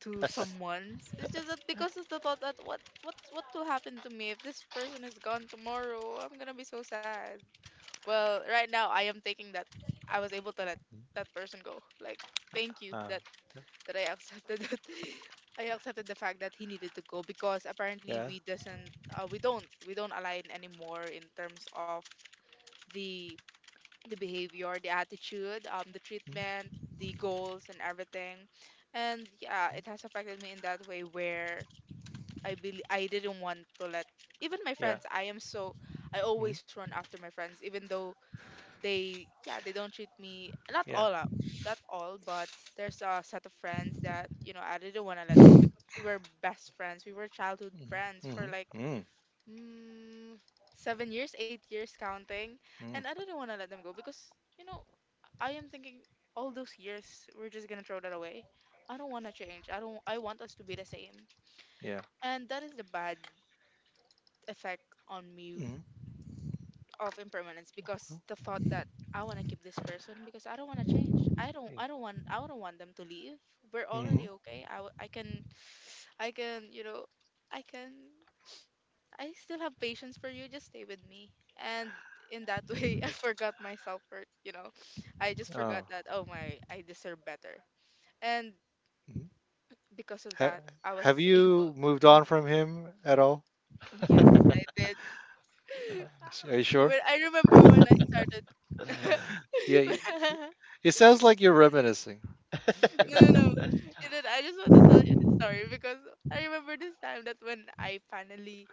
Speaker 2: to someone's. It's just that, because of the thought that what will happen to me if this person is gone tomorrow, I'm gonna be so sad. Well, right now, I am taking that I was able to let that person go. Like, thank you
Speaker 3: Uh,
Speaker 2: that that I accepted that I accepted the fact that he needed to go, because apparently
Speaker 3: yeah.
Speaker 2: we don't align anymore, in terms of the the behavior, the attitude, the treatment,
Speaker 3: Mhm.
Speaker 2: the goals, and everything. And yeah, it has affected me in that way where I believe I didn't want to let even my
Speaker 3: Yeah.
Speaker 2: friends. I am so I
Speaker 3: Mhm.
Speaker 2: always run after my friends, even though they, yeah, they don't treat me, not
Speaker 3: Yeah.
Speaker 2: all up, not all, but there's a set of friends that, I didn't want to let go, because we were best friends, we were childhood
Speaker 3: Mhm.
Speaker 2: friends for
Speaker 3: Mhm.
Speaker 2: like,
Speaker 3: Mhm.
Speaker 2: mm, 7 years, 8 years counting. And
Speaker 3: Mm.
Speaker 2: I didn't want to let them go, because, you know I am thinking, all those years, we're just gonna throw that away. I don't want to change. I don't, I want us to be the same.
Speaker 3: Yeah.
Speaker 2: And that is the bad effect on me
Speaker 3: Mhm.
Speaker 2: of impermanence, because
Speaker 3: Oh.
Speaker 2: the thought that I want to keep this person, because I don't want to change. I don't
Speaker 3: Yeah.
Speaker 2: I don't want I don't want them to leave. We're
Speaker 3: Mhm.
Speaker 2: already okay. I, w- I can I can, I can I still have patience for you. Just stay with me. And in that way, I forgot my self-worth. I just forgot
Speaker 3: Oh.
Speaker 2: that, oh my, I deserve better. And
Speaker 3: Mhm.
Speaker 2: because of
Speaker 3: Ha-
Speaker 2: that, I
Speaker 3: have
Speaker 2: was able
Speaker 3: you
Speaker 2: to.
Speaker 3: moved
Speaker 2: Hmm?
Speaker 3: on from him at all?
Speaker 2: Yes, I did.
Speaker 3: S- Are you
Speaker 2: When
Speaker 3: sure?
Speaker 2: I remember when I started,
Speaker 3: Yeah,
Speaker 2: when,
Speaker 3: it sounds like you're reminiscing.
Speaker 2: no, no, no. And then I just want to tell you this story, because I remember this time that, when I finally,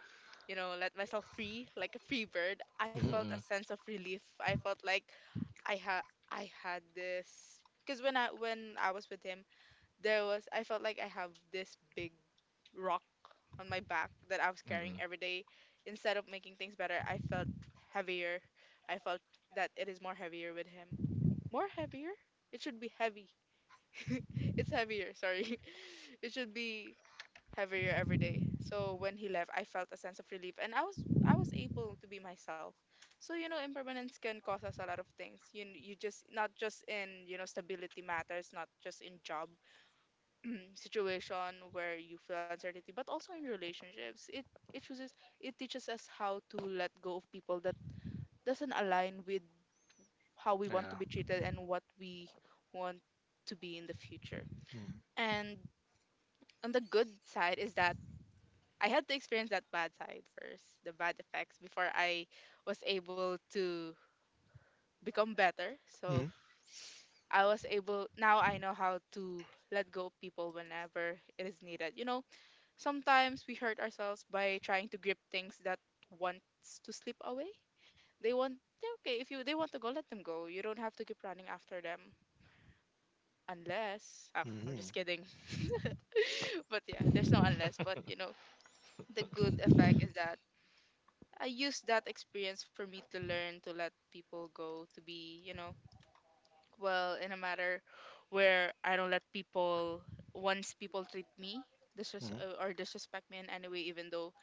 Speaker 2: let myself free, like a free bird, I
Speaker 3: Hmm.
Speaker 2: felt a
Speaker 1: Mm-mm.
Speaker 2: sense of relief. I felt like I had I had this, because when I was with him, there was I felt like I have this big rock on my back that I was carrying
Speaker 1: Mm-mm.
Speaker 2: every day. Instead of making things better, I felt heavier. I felt that it is more heavier with him. More heavier? It should be heavy. It's heavier, sorry. It should be heavier every day. So when he left, I felt a sense of relief, and I was able to be myself. So, impermanence can cause us a lot of things. You just, not just in, stability matters, not just in job situation where you feel uncertainty, but also in relationships. It chooses it teaches us how to let go of people that doesn't align with how we want to be
Speaker 3: Yeah.
Speaker 2: treated, and what we want to be in the future. And on the good side is that I had to experience that bad side first, the bad effects before I was able to become better. So
Speaker 3: Mm-hmm.
Speaker 2: I was able now I know how to let go of people whenever it is needed. Sometimes we hurt ourselves by trying to grip things that wants to slip away. They want yeah, okay, if you they want to go, let them go. You don't have to keep running after them unless oh, I'm
Speaker 3: Hmm.
Speaker 2: just kidding. But yeah, there's no unless, the good effect is that I used that experience for me to learn to let people go, to be, well, in a matter where I don't let people, once people treat me or disrespect me in any way, even though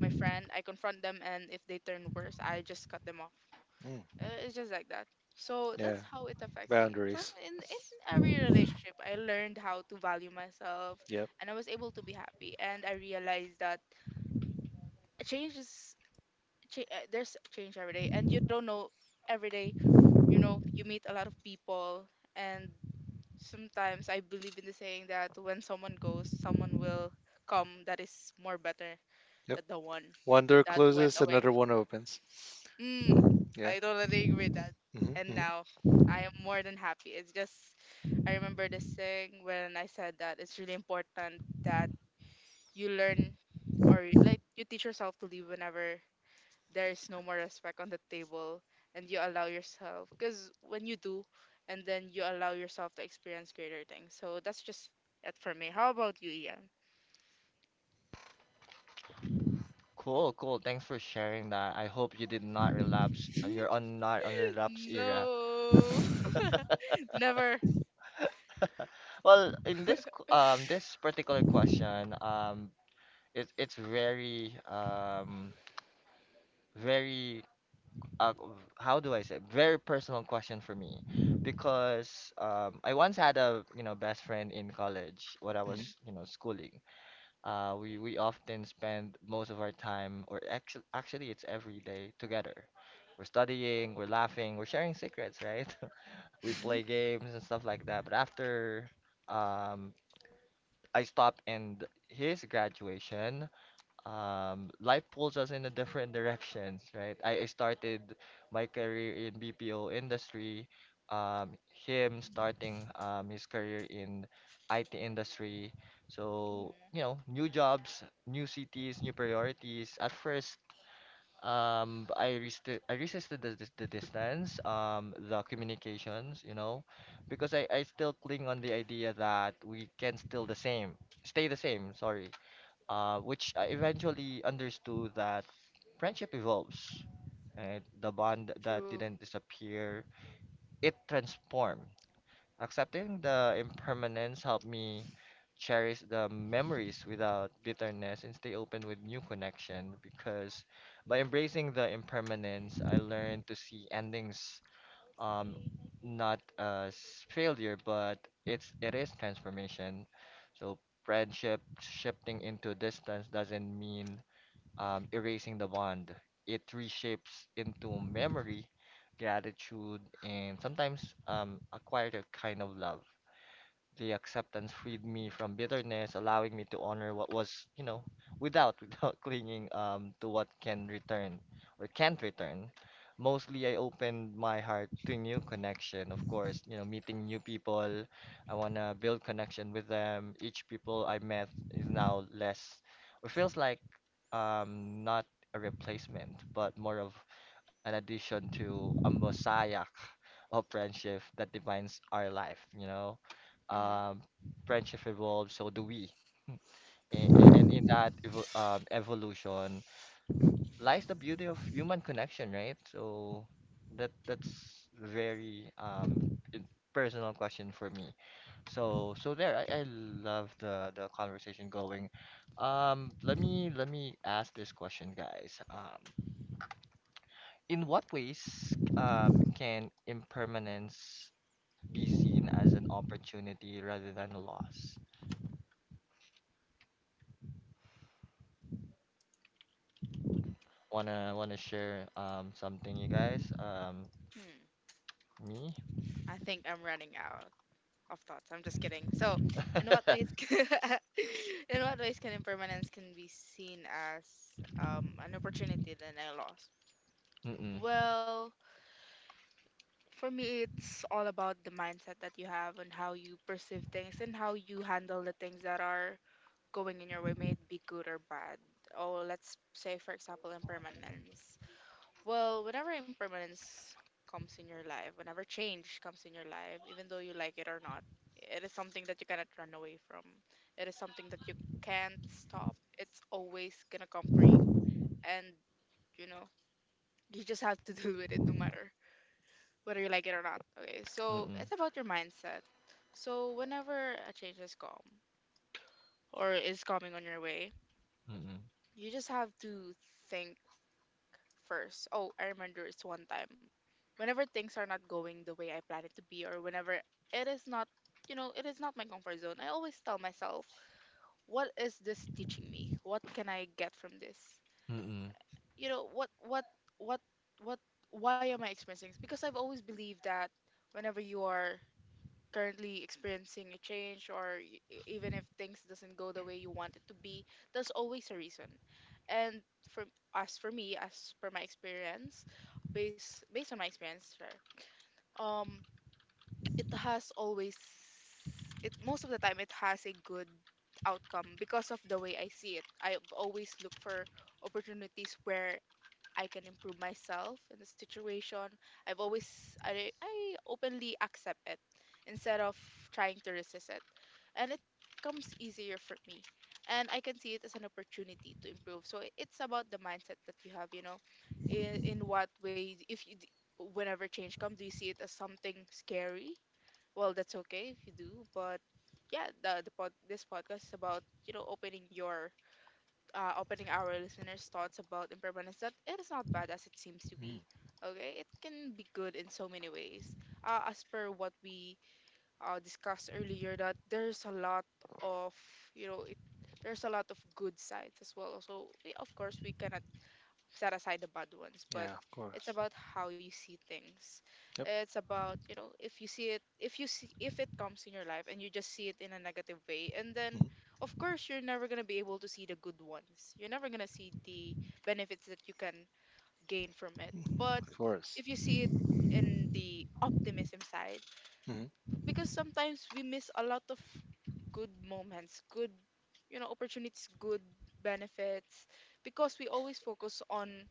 Speaker 2: my friend, I confront them, and if they turn worse, I just cut them off.
Speaker 3: Hmm.
Speaker 2: It's just like that. So that's
Speaker 3: Yeah.
Speaker 2: how it affects me. From
Speaker 3: Boundaries.
Speaker 2: in, in every relationship, I learned how to value myself,
Speaker 3: Yep.
Speaker 2: and I was able to be happy. And I realized that changes there's change every day and you don't know every day. You know, you meet a lot of people, and sometimes I believe in the saying that when someone goes, someone will come that is more better
Speaker 3: Yep.
Speaker 2: than the one
Speaker 3: One door
Speaker 2: that went
Speaker 3: closes,
Speaker 2: away.
Speaker 3: another one opens.
Speaker 2: mm, I
Speaker 3: Yeah.
Speaker 2: totally agree with that.
Speaker 3: Hmm.
Speaker 2: And
Speaker 3: Hmm.
Speaker 2: now I am more than happy. It's just I remember this thing when I said that it's really important that you learn, or like you teach yourself to live whenever there is no more respect on the table, and you allow yourself. Because when you do, and then you allow yourself to experience greater things. So that's just it for me. How about you, Ian?
Speaker 1: Cool, cool. Thanks for sharing that. I hope you did not relapse. You're on not on relapse era.
Speaker 2: No. Never.
Speaker 1: Well, in this this particular question, it's very very uh, how do I say, very personal question for me, because I once had a you know best friend in college when I
Speaker 3: Hmm.
Speaker 1: was
Speaker 2: Mhm,
Speaker 1: you know schooling. We often spend most of our time, or actually it's every day together. We're studying, we're laughing, we're sharing secrets, right? We play
Speaker 2: mhm,
Speaker 1: games and stuff like that. But after um, I stopped and his graduation, life pulls us in a different directions, right? I started my career in BPO industry, um, him
Speaker 2: mhm.
Speaker 1: starting his career in IT industry. So,
Speaker 2: Mhm.
Speaker 1: you know, new jobs, new cities, new priorities. At first, I resisted the distance, the communications, you know, because I still cling on the idea that we can still the same, stay the same, sorry which I eventually understood that friendship evolves, and the bond that
Speaker 2: True.
Speaker 1: didn't disappear, it transformed. Accepting the impermanence helped me cherish the memories without bitterness and stay open with new connection, because by embracing the impermanence, I learned to see endings um not as failure but it is transformation. So friendship shifting into distance doesn't mean erasing the bond, it reshapes into memory, gratitude, and sometimes a quieter kind of love. The acceptance freed me from bitterness, allowing me to honor what was, you know, without without clinging to what can return or can't return. Mostly, I opened my heart to new connection. Of course, you know, meeting new people. I wanna build connection with them. Each people I met is now less, or feels like not a replacement, but more of an addition to a messiah of friendship that defines our life.
Speaker 2: Hmm
Speaker 1: Um, Friendship evolves, so do we. And in that evolution lies the beauty of human connection, right? So that's very in- personal question for me. So there, I love the conversation going. Let me ask this question, guys. In what ways can impermanence be seen as an opportunity rather than a loss. Wanna share something you guys?
Speaker 2: hmm.
Speaker 1: Me?
Speaker 2: I think I'm running out of thoughts. I'm just kidding. So, in what ways in what ways can impermanence can be seen as an opportunity that I lost?
Speaker 1: Mm-mm.
Speaker 2: Well, for me, it's all about the mindset that you have and how you perceive things and how you handle the things that are going in your way, may it be good or bad. Or let's say, for example, impermanence. Well, whenever impermanence comes in your life, whenever change comes in your life, even though you like it or not, it is something that you cannot run away from. It is something that you can't stop. It's always gonna come for you. And, you know, you just have to deal with it no matter whether you like it or not. Okay, so
Speaker 1: Mm-mm.
Speaker 2: it's about your mindset. So whenever a change is come or is coming on your way,
Speaker 1: Mm-mm.
Speaker 2: you just have to think first. Oh, I remember it's one time. Whenever things are not going the way I planned it to be, or whenever it is not, you know, it is not my comfort zone, I always tell myself, what is this teaching me? What can I get from this?
Speaker 1: Mm-mm.
Speaker 2: You know, what, what, why am I experiencing this? Because I've always believed that whenever you are currently experiencing a change, or even if things doesn't go the way you want it to be, there's always a reason. And for, as for me, as per my experience, based on my experience, sure, um it has always, it most of the time it has a good outcome. Because of the way I see it, I've always looked for opportunities where I can improve myself in the situation. I've always, I openly accept it instead of trying to resist it. And it comes easier for me. And I can see it as an opportunity to improve. So it's about the mindset that you have, you know, in what way if whenever change comes, do you see it as something scary? Well, that's okay if you do, but yeah, this podcast is about, you know, opening your opening our listeners' thoughts about impermanence, that it is not bad as it seems to
Speaker 3: Hmm.
Speaker 2: be. Okay, it can be good in so many ways. As per what we discussed earlier, that there's a lot of, you know it, there's a lot of good sides as well. So we, of course we cannot set aside the bad ones, but
Speaker 3: Yeah, of
Speaker 2: it's
Speaker 3: course.
Speaker 2: about how you see things.
Speaker 3: Yep.
Speaker 2: It's about, you know, if you see it, if you see, if it comes in your life and you just see it in a negative way, and then, of course, you're never going to be able to see the good ones. You're never going to see the benefits that you can gain from it.
Speaker 3: Mhm.
Speaker 2: But
Speaker 3: Of
Speaker 2: if
Speaker 3: course.
Speaker 2: you see it in the optimism side,
Speaker 3: Hmm.
Speaker 2: because sometimes we miss a lot of good moments, good, you know, opportunities, good benefits, because we always focus on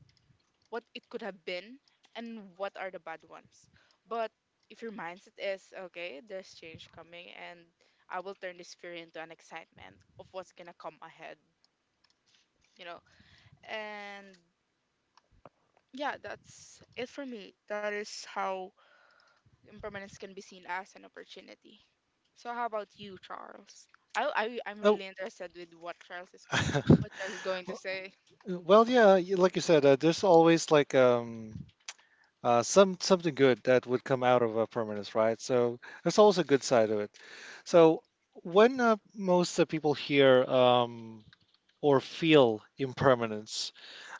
Speaker 2: what it could have been and what are the bad ones. But if your mindset is okay, there's change coming and I will turn this fear into an excitement of what's gonna come ahead, you know? And yeah, that's it for me. That is how impermanence can be seen as an opportunity. So how about you, Charles? I'm
Speaker 3: Oh.
Speaker 2: really interested with what what Charles is going to
Speaker 3: Well,
Speaker 2: say.
Speaker 3: well, yeah, like you said, there's always like some something good that would come out of a permanence, right? So there's also a good side to it. So when most people hear or feel impermanence,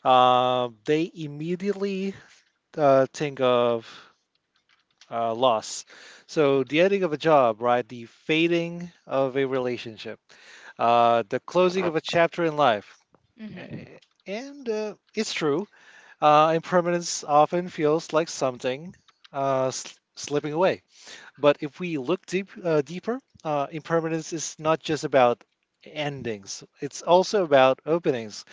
Speaker 3: they immediately think of loss. So the ending of a job, right? The fading of a relationship, the closing of a chapter in life.
Speaker 2: Mm-hmm.
Speaker 3: A- And it's true. Impermanence often feels like something slipping away. But if we look deeper, impermanence is not just about endings, it's also about openings,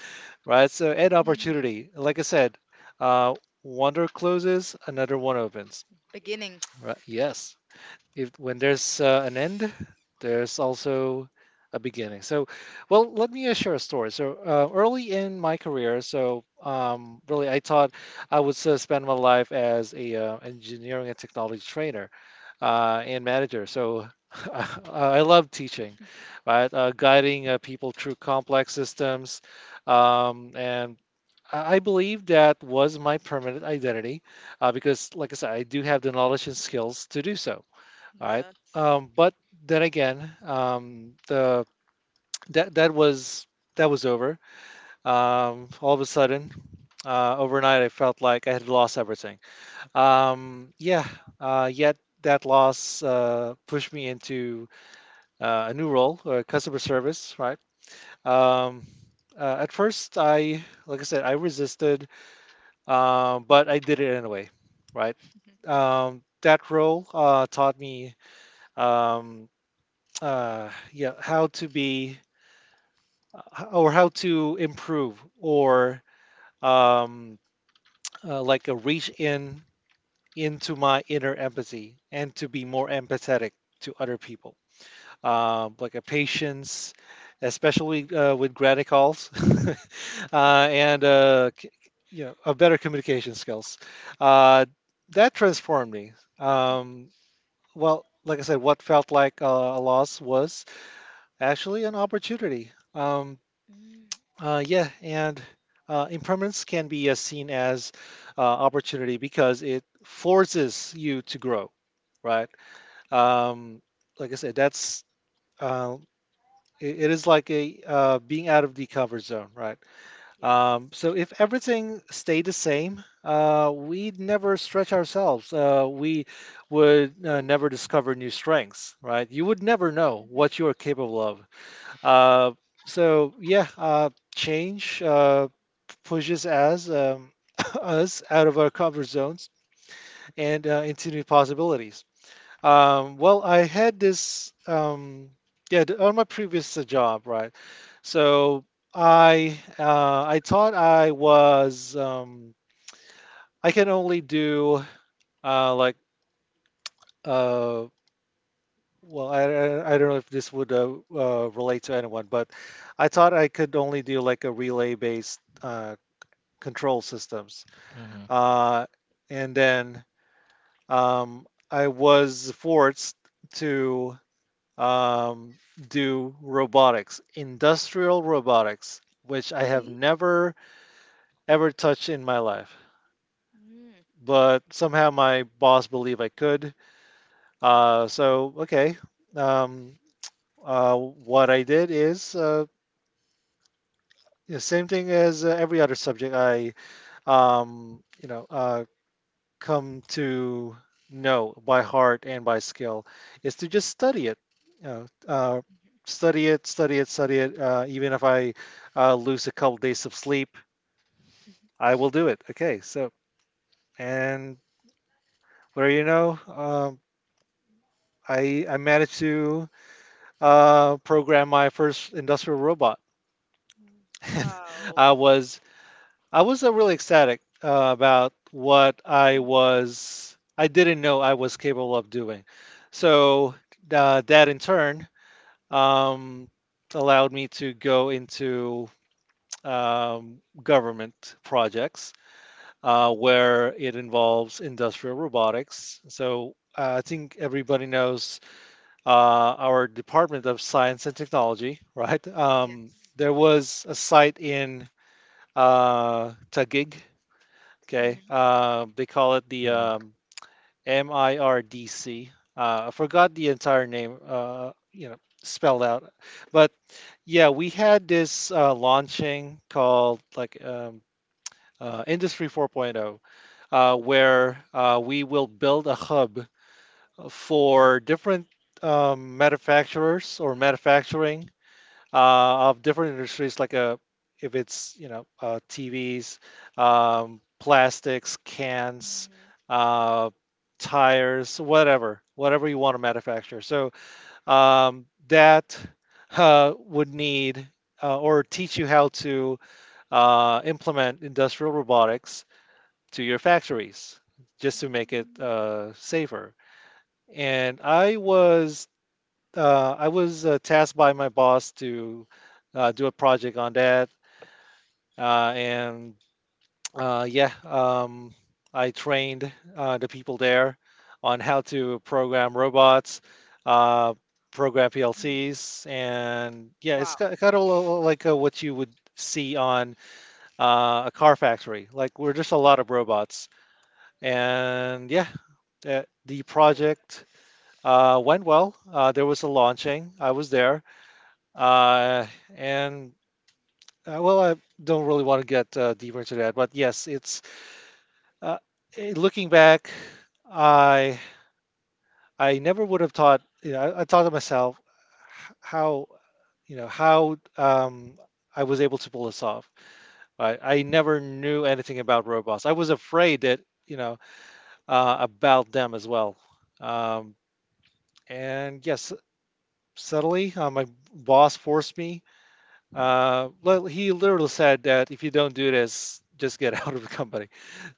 Speaker 3: right? So, an
Speaker 2: Hmm.
Speaker 3: opportunity. Like I said, uh, one door closes, another one opens.
Speaker 2: Beginnings.
Speaker 3: Right? Yes, if when there's an end, there's also a beginning. So, well, let me share a story. So, early in my career, so really, I thought I would spend my life as a engineering and technology trainer and manager. So, I love teaching, right? Guiding people through complex systems, and I believe that was my permanent identity, because, like I said, I do have the knowledge and skills to do so. All right.
Speaker 2: Yes.
Speaker 3: But then again, the that that was over. All of a sudden, overnight, I felt like I had lost everything. Yeah. Yet that loss pushed me into a new role, customer service. Right. Um, at first, I like I said, I resisted, but I did it anyway. Right.
Speaker 2: Mhm.
Speaker 3: That role taught me. Um, yeah, how to improve or um, like a reach in into my inner empathy and to be more empathetic to other people, like a patience, especially with granny calls, uh, and uh, c- you know, a better communication skills. Uh, that transformed me. Um, well, like I said, what felt like a loss was actually an opportunity.
Speaker 2: Mm.
Speaker 3: Yeah, and impermanence can be seen as opportunity because it forces you to grow, right? Um, like I said, that's uh, it, it is like a being out of the comfort zone, right?
Speaker 2: Yes.
Speaker 3: So if everything stayed the same, we'd never stretch ourselves. We would
Speaker 2: Oh.
Speaker 3: never discover new strengths, right? You would never know what
Speaker 2: Mhm.
Speaker 3: you are capable of. Uh, so change pushes us us out of our comfort zones and into new possibilities. Well, I had this on my previous job, right? So I thought I was I can only do uh, like uh, well I, I I don't know if this would relate to anyone, but I thought I could only do like a relay based control systems.
Speaker 1: Mm-hmm.
Speaker 2: Mhm.
Speaker 3: Uh, and then I was forced to um, do robotics, industrial robotics, which I have
Speaker 2: Really?
Speaker 3: never ever touched in my life.
Speaker 2: Mm.
Speaker 3: But somehow my boss believed I could. So okay. Um, what I did is the same thing as every other subject. I um, you know uh, come to know by heart and by skill is to just study it. You know, uh,
Speaker 2: Mhm.
Speaker 3: Study it, study it, study it. Even if I lose a couple days of sleep, I will do it. Okay, so and where you know, I managed to program my first industrial robot.
Speaker 2: Mm. Wow.
Speaker 3: I was I was really ecstatic about what I
Speaker 2: Mhm.
Speaker 3: was, I didn't know I was capable of doing. So that in turn um, allowed me to go into government projects
Speaker 2: Ooh.
Speaker 3: where it involves industrial robotics. So I think everybody knows uh, our Department of Science and Technology, right?
Speaker 2: Yes.
Speaker 3: There was a site in Taguig. Okay.
Speaker 2: Mhm.
Speaker 3: Um, they call it the
Speaker 1: Mm-mm.
Speaker 3: um, MIRDC. I forgot the entire name, spelled out. But yeah, we had this launching called Industry 4.0, where we will build a hub for different manufacturers or manufacturing of different industries, like a if it's TVs, plastics, cans,
Speaker 2: Mhm.
Speaker 3: uh, tires, whatever, whatever you want to manufacture. So that would need or teach you how to implement industrial robotics to your factories just to make it
Speaker 2: Mm.
Speaker 3: safer. And I was tasked by my boss to do a project on that, and uh, yeah, um, I trained the people there on how to program robots, uh, program
Speaker 2: Mhm.
Speaker 3: PLCs, and yeah, it's
Speaker 2: Wow.
Speaker 3: kind of like what you would see on a car factory. Like we're just a lot of robots, and the
Speaker 2: Ooh.
Speaker 3: project went well. There was a launching. I was there. Uh, and well, I don't really want to get deeper into that, but yes, uh, looking back, I I never would have thought. You know, I thought to myself h- how you know how I was able to pull this off. Right? I never knew anything about robots. I was afraid that you know about them as well. Um, and yes, suddenly my boss forced me. Well, he literally said that if you don't do this, just get out of the company.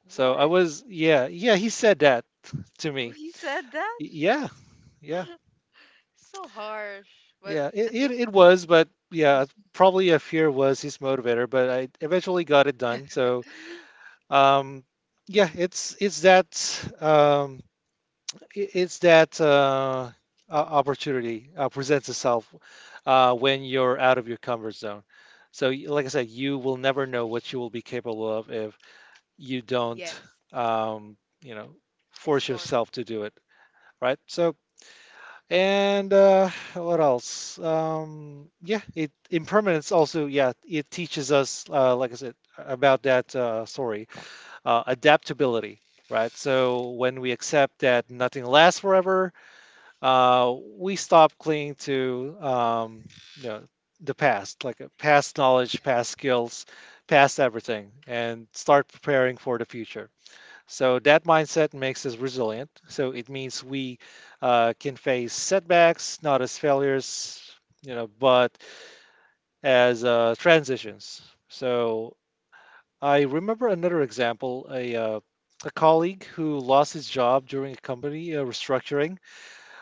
Speaker 3: So I
Speaker 2: What?
Speaker 3: was, yeah, yeah, he said that to
Speaker 2: Oh,
Speaker 3: me.
Speaker 2: he said that?
Speaker 3: Yeah, yeah,
Speaker 2: So harsh, but
Speaker 3: yeah. It,
Speaker 2: at
Speaker 3: it, it
Speaker 2: least
Speaker 3: was, but yeah, probably a fear was his motivator, but I eventually got it done. So, um, yeah, it's that um, I- it's that o- opportunity presents
Speaker 2: mhm.
Speaker 3: itself when you're out of your comfort zone. So, like I said, you will never know what you will be capable of if you don't,
Speaker 2: Yes.
Speaker 3: um, you know, force
Speaker 2: Explore.
Speaker 3: yourself to do it, right? So, and what else? Yeah, it Impermanence also, yeah, it teaches us, like I said, about that story, adaptability. Right, so when we accept that nothing lasts forever, we stop clinging to you know the past, like past knowledge, past skills, past everything, and start preparing for the future. So that mindset makes us resilient. So it means we can face setbacks, not as failures, you know, but as transitions.
Speaker 2: Mhm.
Speaker 3: So I remember another example: a colleague who lost his job during a company restructuring.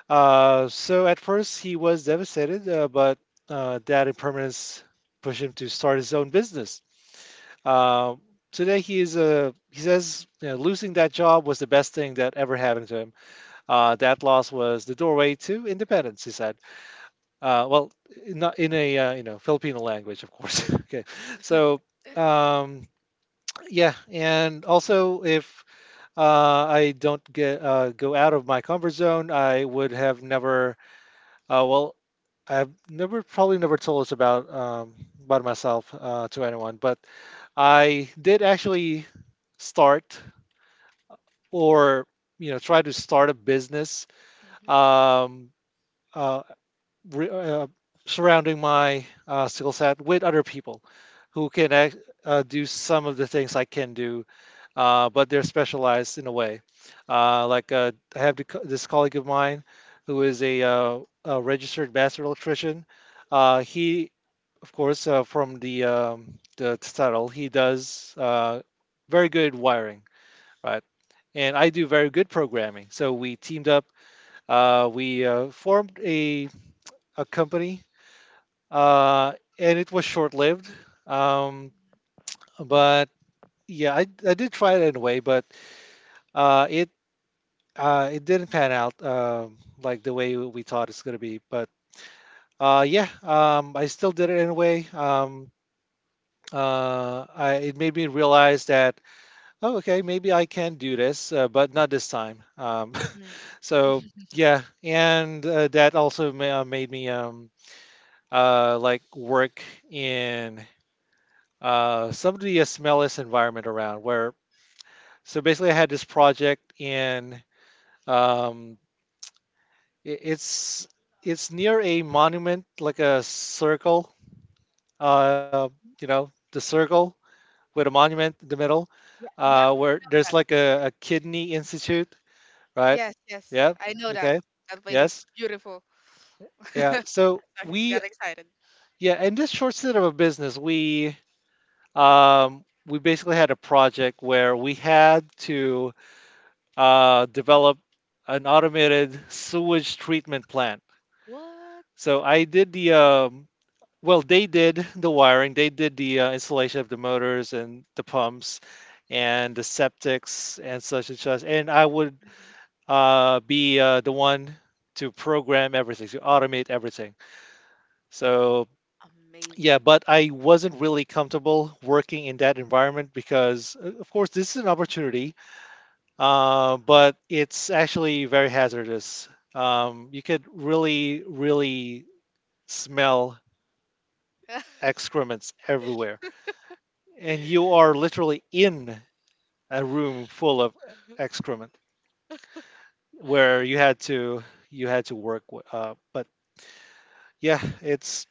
Speaker 3: So at first he was devastated, but that impermanence pushed him to start his own business. Uh, Today he is a, he says, you know, losing that job was the best thing that ever happened to him. That loss was the doorway to independence, he said. Well, not in a you know Filipino language, of course. Okay, so um, yeah, and also if I don't get go out of my comfort zone, I would have never. Well, I've never, probably never told us about myself to anyone, but I did actually start or you know try to start a business
Speaker 2: Mhm.
Speaker 3: um, uh, re- uh, surrounding my skill set with other people who can act, do some of the things I can do, but they're specialized in a way. Like I have the this colleague of mine who is a registered master electrician. He, of course, from the title, he does very good wiring, right? And I do very good programming. So we teamed up. We formed a company, uh, and it was short lived. Um, but yeah, I did try it anyway, but uh, it it didn't pan out like the way we thought it's gonna be. But yeah, I still did it anyway. It made me realize that oh, okay, maybe I can do this, but not this time.
Speaker 2: Mm.
Speaker 3: So yeah, and that also made me like work in somebody a smellless environment around where so basically I had this project in um, i- it's it's near a monument like a circle, uh, you know, the circle with a monument in the middle,
Speaker 2: Yeah, yeah, I
Speaker 3: where
Speaker 2: know
Speaker 3: there's
Speaker 2: that.
Speaker 3: like a kidney institute, right?
Speaker 2: Yes, yes,
Speaker 3: Yeah,
Speaker 2: I know that.
Speaker 3: okay.
Speaker 2: That place is
Speaker 3: Yes,
Speaker 2: beautiful.
Speaker 3: yeah,
Speaker 2: Sorry,
Speaker 3: so we,
Speaker 2: got excited.
Speaker 3: yeah, in this short set of a business we basically had a project where we had to develop an automated sewage treatment plant.
Speaker 2: What?
Speaker 3: So I did the well, they did the wiring, they did the installation of the motors and the pumps and the septics and such and such. And I would be the one to program everything, to automate everything. So yeah,
Speaker 2: Amazing.
Speaker 3: but I wasn't really comfortable working in that environment because, of course, this is an opportunity but it's actually very hazardous. You could really, really smell
Speaker 2: What
Speaker 3: excrements everywhere, and you are literally in a room full of excrement where you had to work. But yeah, it's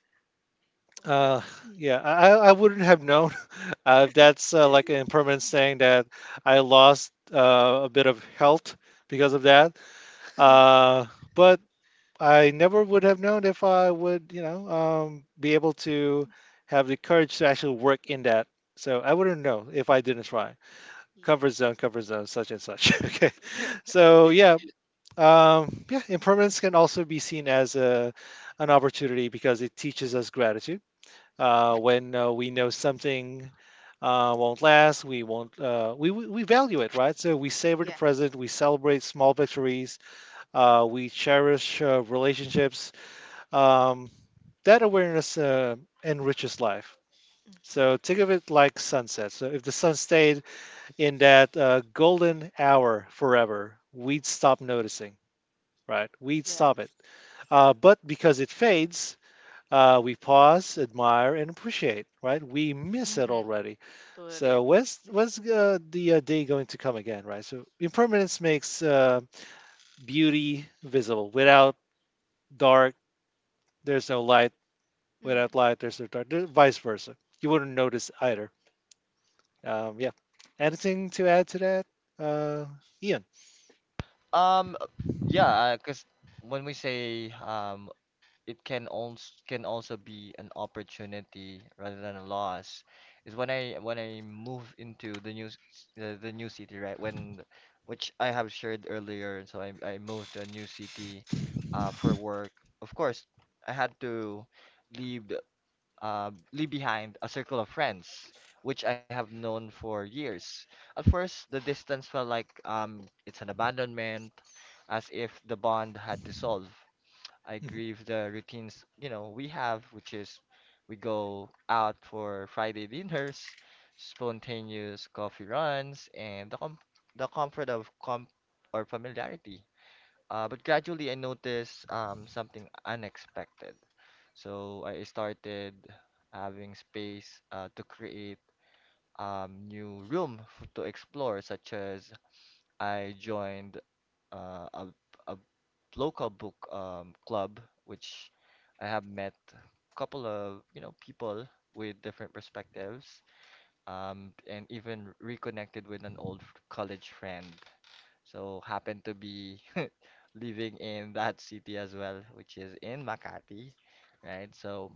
Speaker 2: a
Speaker 3: uh, yeah, I wouldn't have known. That's like an impermanent saying that I lost a bit of health because of that. Uh, but I never would have known if I would, you know, be able to have the courage to actually work in that. So I wouldn't know if I didn't try.
Speaker 2: yes.
Speaker 3: Comfort zone, such and such. Okay. So yeah, yeah, impermanence can also be seen as an opportunity because it teaches us
Speaker 2: Mhm.
Speaker 3: gratitude. When we know something won't last, we won't. We value it, right? So we savor the
Speaker 2: Yes.
Speaker 3: present. We celebrate small victories. We cherish relationships, um, that awareness enriches life.
Speaker 2: Hmm.
Speaker 3: So think of it like sunset. So if the sun stayed in that golden hour forever, we'd stop noticing, right? We'd stop it.
Speaker 2: Yes.
Speaker 3: But because it fades, we pause, admire, and appreciate, right? We miss it
Speaker 2: Hmm.
Speaker 3: already.
Speaker 2: Totally
Speaker 3: So
Speaker 2: agree.
Speaker 3: when's the day going to come again, right? So impermanence makes beauty visible. Without dark, there's no light. Without
Speaker 2: Mm.
Speaker 3: light, there's no dark. Vice versa. You wouldn't notice either. Yeah.
Speaker 2: Yep.
Speaker 3: Anything to add to that, uh, Ian?
Speaker 1: Um, uh, yeah, because when we say it can also be an opportunity rather than a loss is when I move into the new city, right, when which I have shared earlier. So I moved to a new city for work. Of course I had to leave the- leave behind a circle of friends which I have known for years. At first the distance felt like it's an abandonment, as if the bond had dissolved. I grieve the routines, you know, we have, which is we go out for Friday dinners, spontaneous coffee runs, and the comfort of com or familiarity. But gradually I noticed something unexpected. So I started having space to create new room f to explore, such as I joined uh, a, a local book club, which I have met couple of, you know, people with different perspectives, and even reconnected with an old college friend. So happened to be living in that city as well, which is in Makati, right? So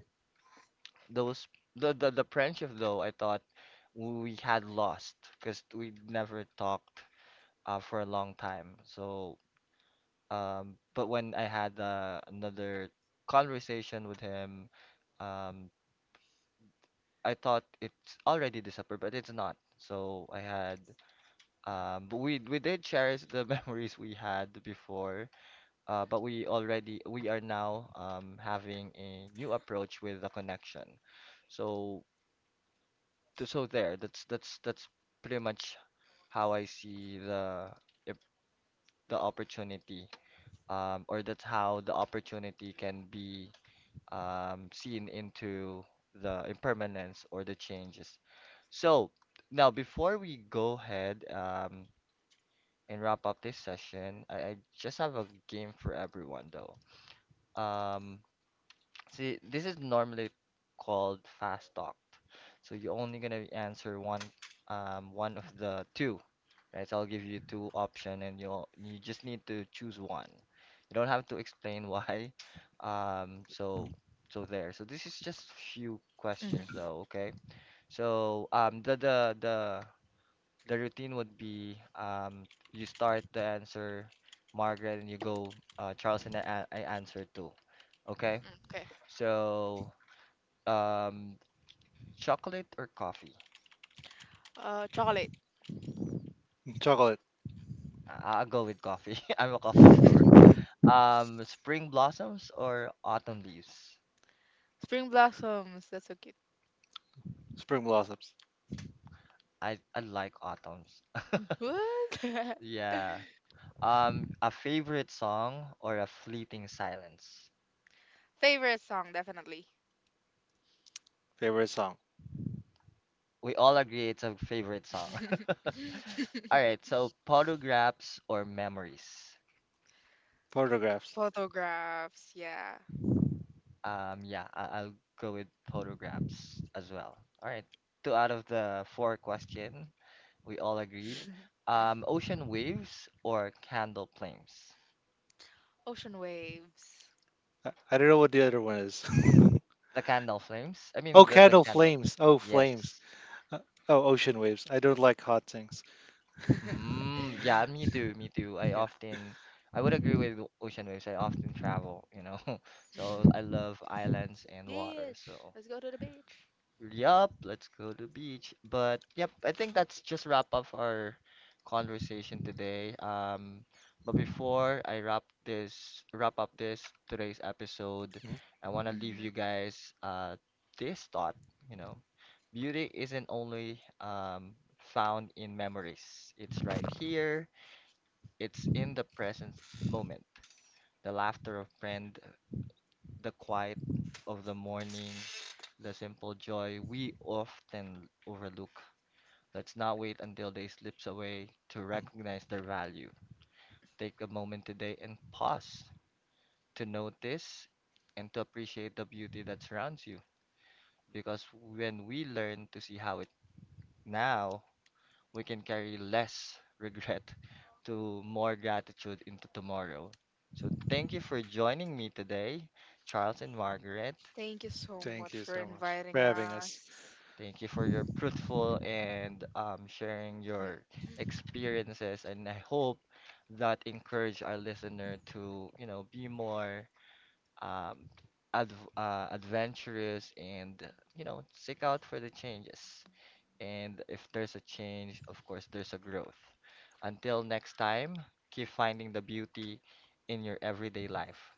Speaker 1: those the friendship though, I thought we had lost because we never talked for a long time. So but when I had another conversation with him, um, I thought it's already December, but it's not. So I had, but we did cherish the memories we had before. But we are now having a new approach with the connection. So So there, that's pretty much how I see the if the opportunity. Or that's how the opportunity can be seen into the impermanence or the changes. So now before we go ahead and wrap up this session, I just have a game for everyone though. Um, see, this is normally called fast talk. So you're only gonna answer one of the two, right? So I'll give you two option and you'll you just need to choose one. You don't have to explain why. So so there. So this is just few questions
Speaker 2: Hmm.
Speaker 1: though, okay? So the routine would be you start the answer Margaret and you go Charles and I answer too. Okay?
Speaker 2: Okay.
Speaker 1: So um chocolate or coffee?
Speaker 2: Chocolate.
Speaker 3: Chocolate,
Speaker 1: I'll go with coffee. I'm a coffee lover. Spring blossoms or autumn leaves?
Speaker 2: Spring blossoms. That's so cute.
Speaker 3: Spring Blossoms,
Speaker 1: I like autumns.
Speaker 2: What?
Speaker 1: Yeah. A favorite song or a fleeting silence?
Speaker 2: Favorite song, definitely.
Speaker 3: favorite song,
Speaker 1: We all agree it's a favorite song. All right, so photographs or memories?
Speaker 3: Photographs.
Speaker 2: Photographs. Yeah.
Speaker 1: Yeah, I'll go with photographs as well. All right, two out of the four question, we all agreed. Ocean waves or candle flames?
Speaker 2: Ocean waves.
Speaker 3: I don't know what the other one is.
Speaker 1: The candle flames? I mean,
Speaker 3: Oh,
Speaker 1: the
Speaker 3: Candle
Speaker 1: candle.
Speaker 3: Flames. Oh, Flames.
Speaker 1: Yes.
Speaker 3: Uh, oh, Ocean Waves. I don't like hot things.
Speaker 1: Mm, yeah, me too. I
Speaker 3: Yeah.
Speaker 1: often, I would agree with ocean waves. I often travel, you know, so I love islands and water.
Speaker 2: Beach.
Speaker 1: So
Speaker 2: Let's go to the beach.
Speaker 1: yup, let's go to beach. But yep, I think that's just wrap up our conversation today. But before I wrap up this today's episode,
Speaker 3: Mhm,
Speaker 1: I want to leave
Speaker 2: Hmm.
Speaker 1: you guys this thought, you know. Beauty isn't only found in memories. It's right here. It's in the present moment. The laughter of friend, the quiet of the morning, the simple joy we often overlook. Let's not wait until day slips away to
Speaker 3: mhm.
Speaker 1: recognize their value. Take a moment today and pause to notice and to appreciate the beauty that surrounds you. Because when we learn to see how it now, we can carry less regret to more gratitude into tomorrow. So thank you for joining me today, Charles and Margaret.
Speaker 2: Thank you so
Speaker 3: Thank
Speaker 2: much
Speaker 3: you
Speaker 2: for
Speaker 3: so much for
Speaker 2: inviting
Speaker 3: having us.
Speaker 2: us.
Speaker 1: Thank you for your truthful and sharing your experiences, and I hope that encourage our listener to, you know, be more um, adv adventurous and, you know, seek out for the changes. And if there's a change, of course, there's a growth. Until next time, keep finding the beauty in your everyday life.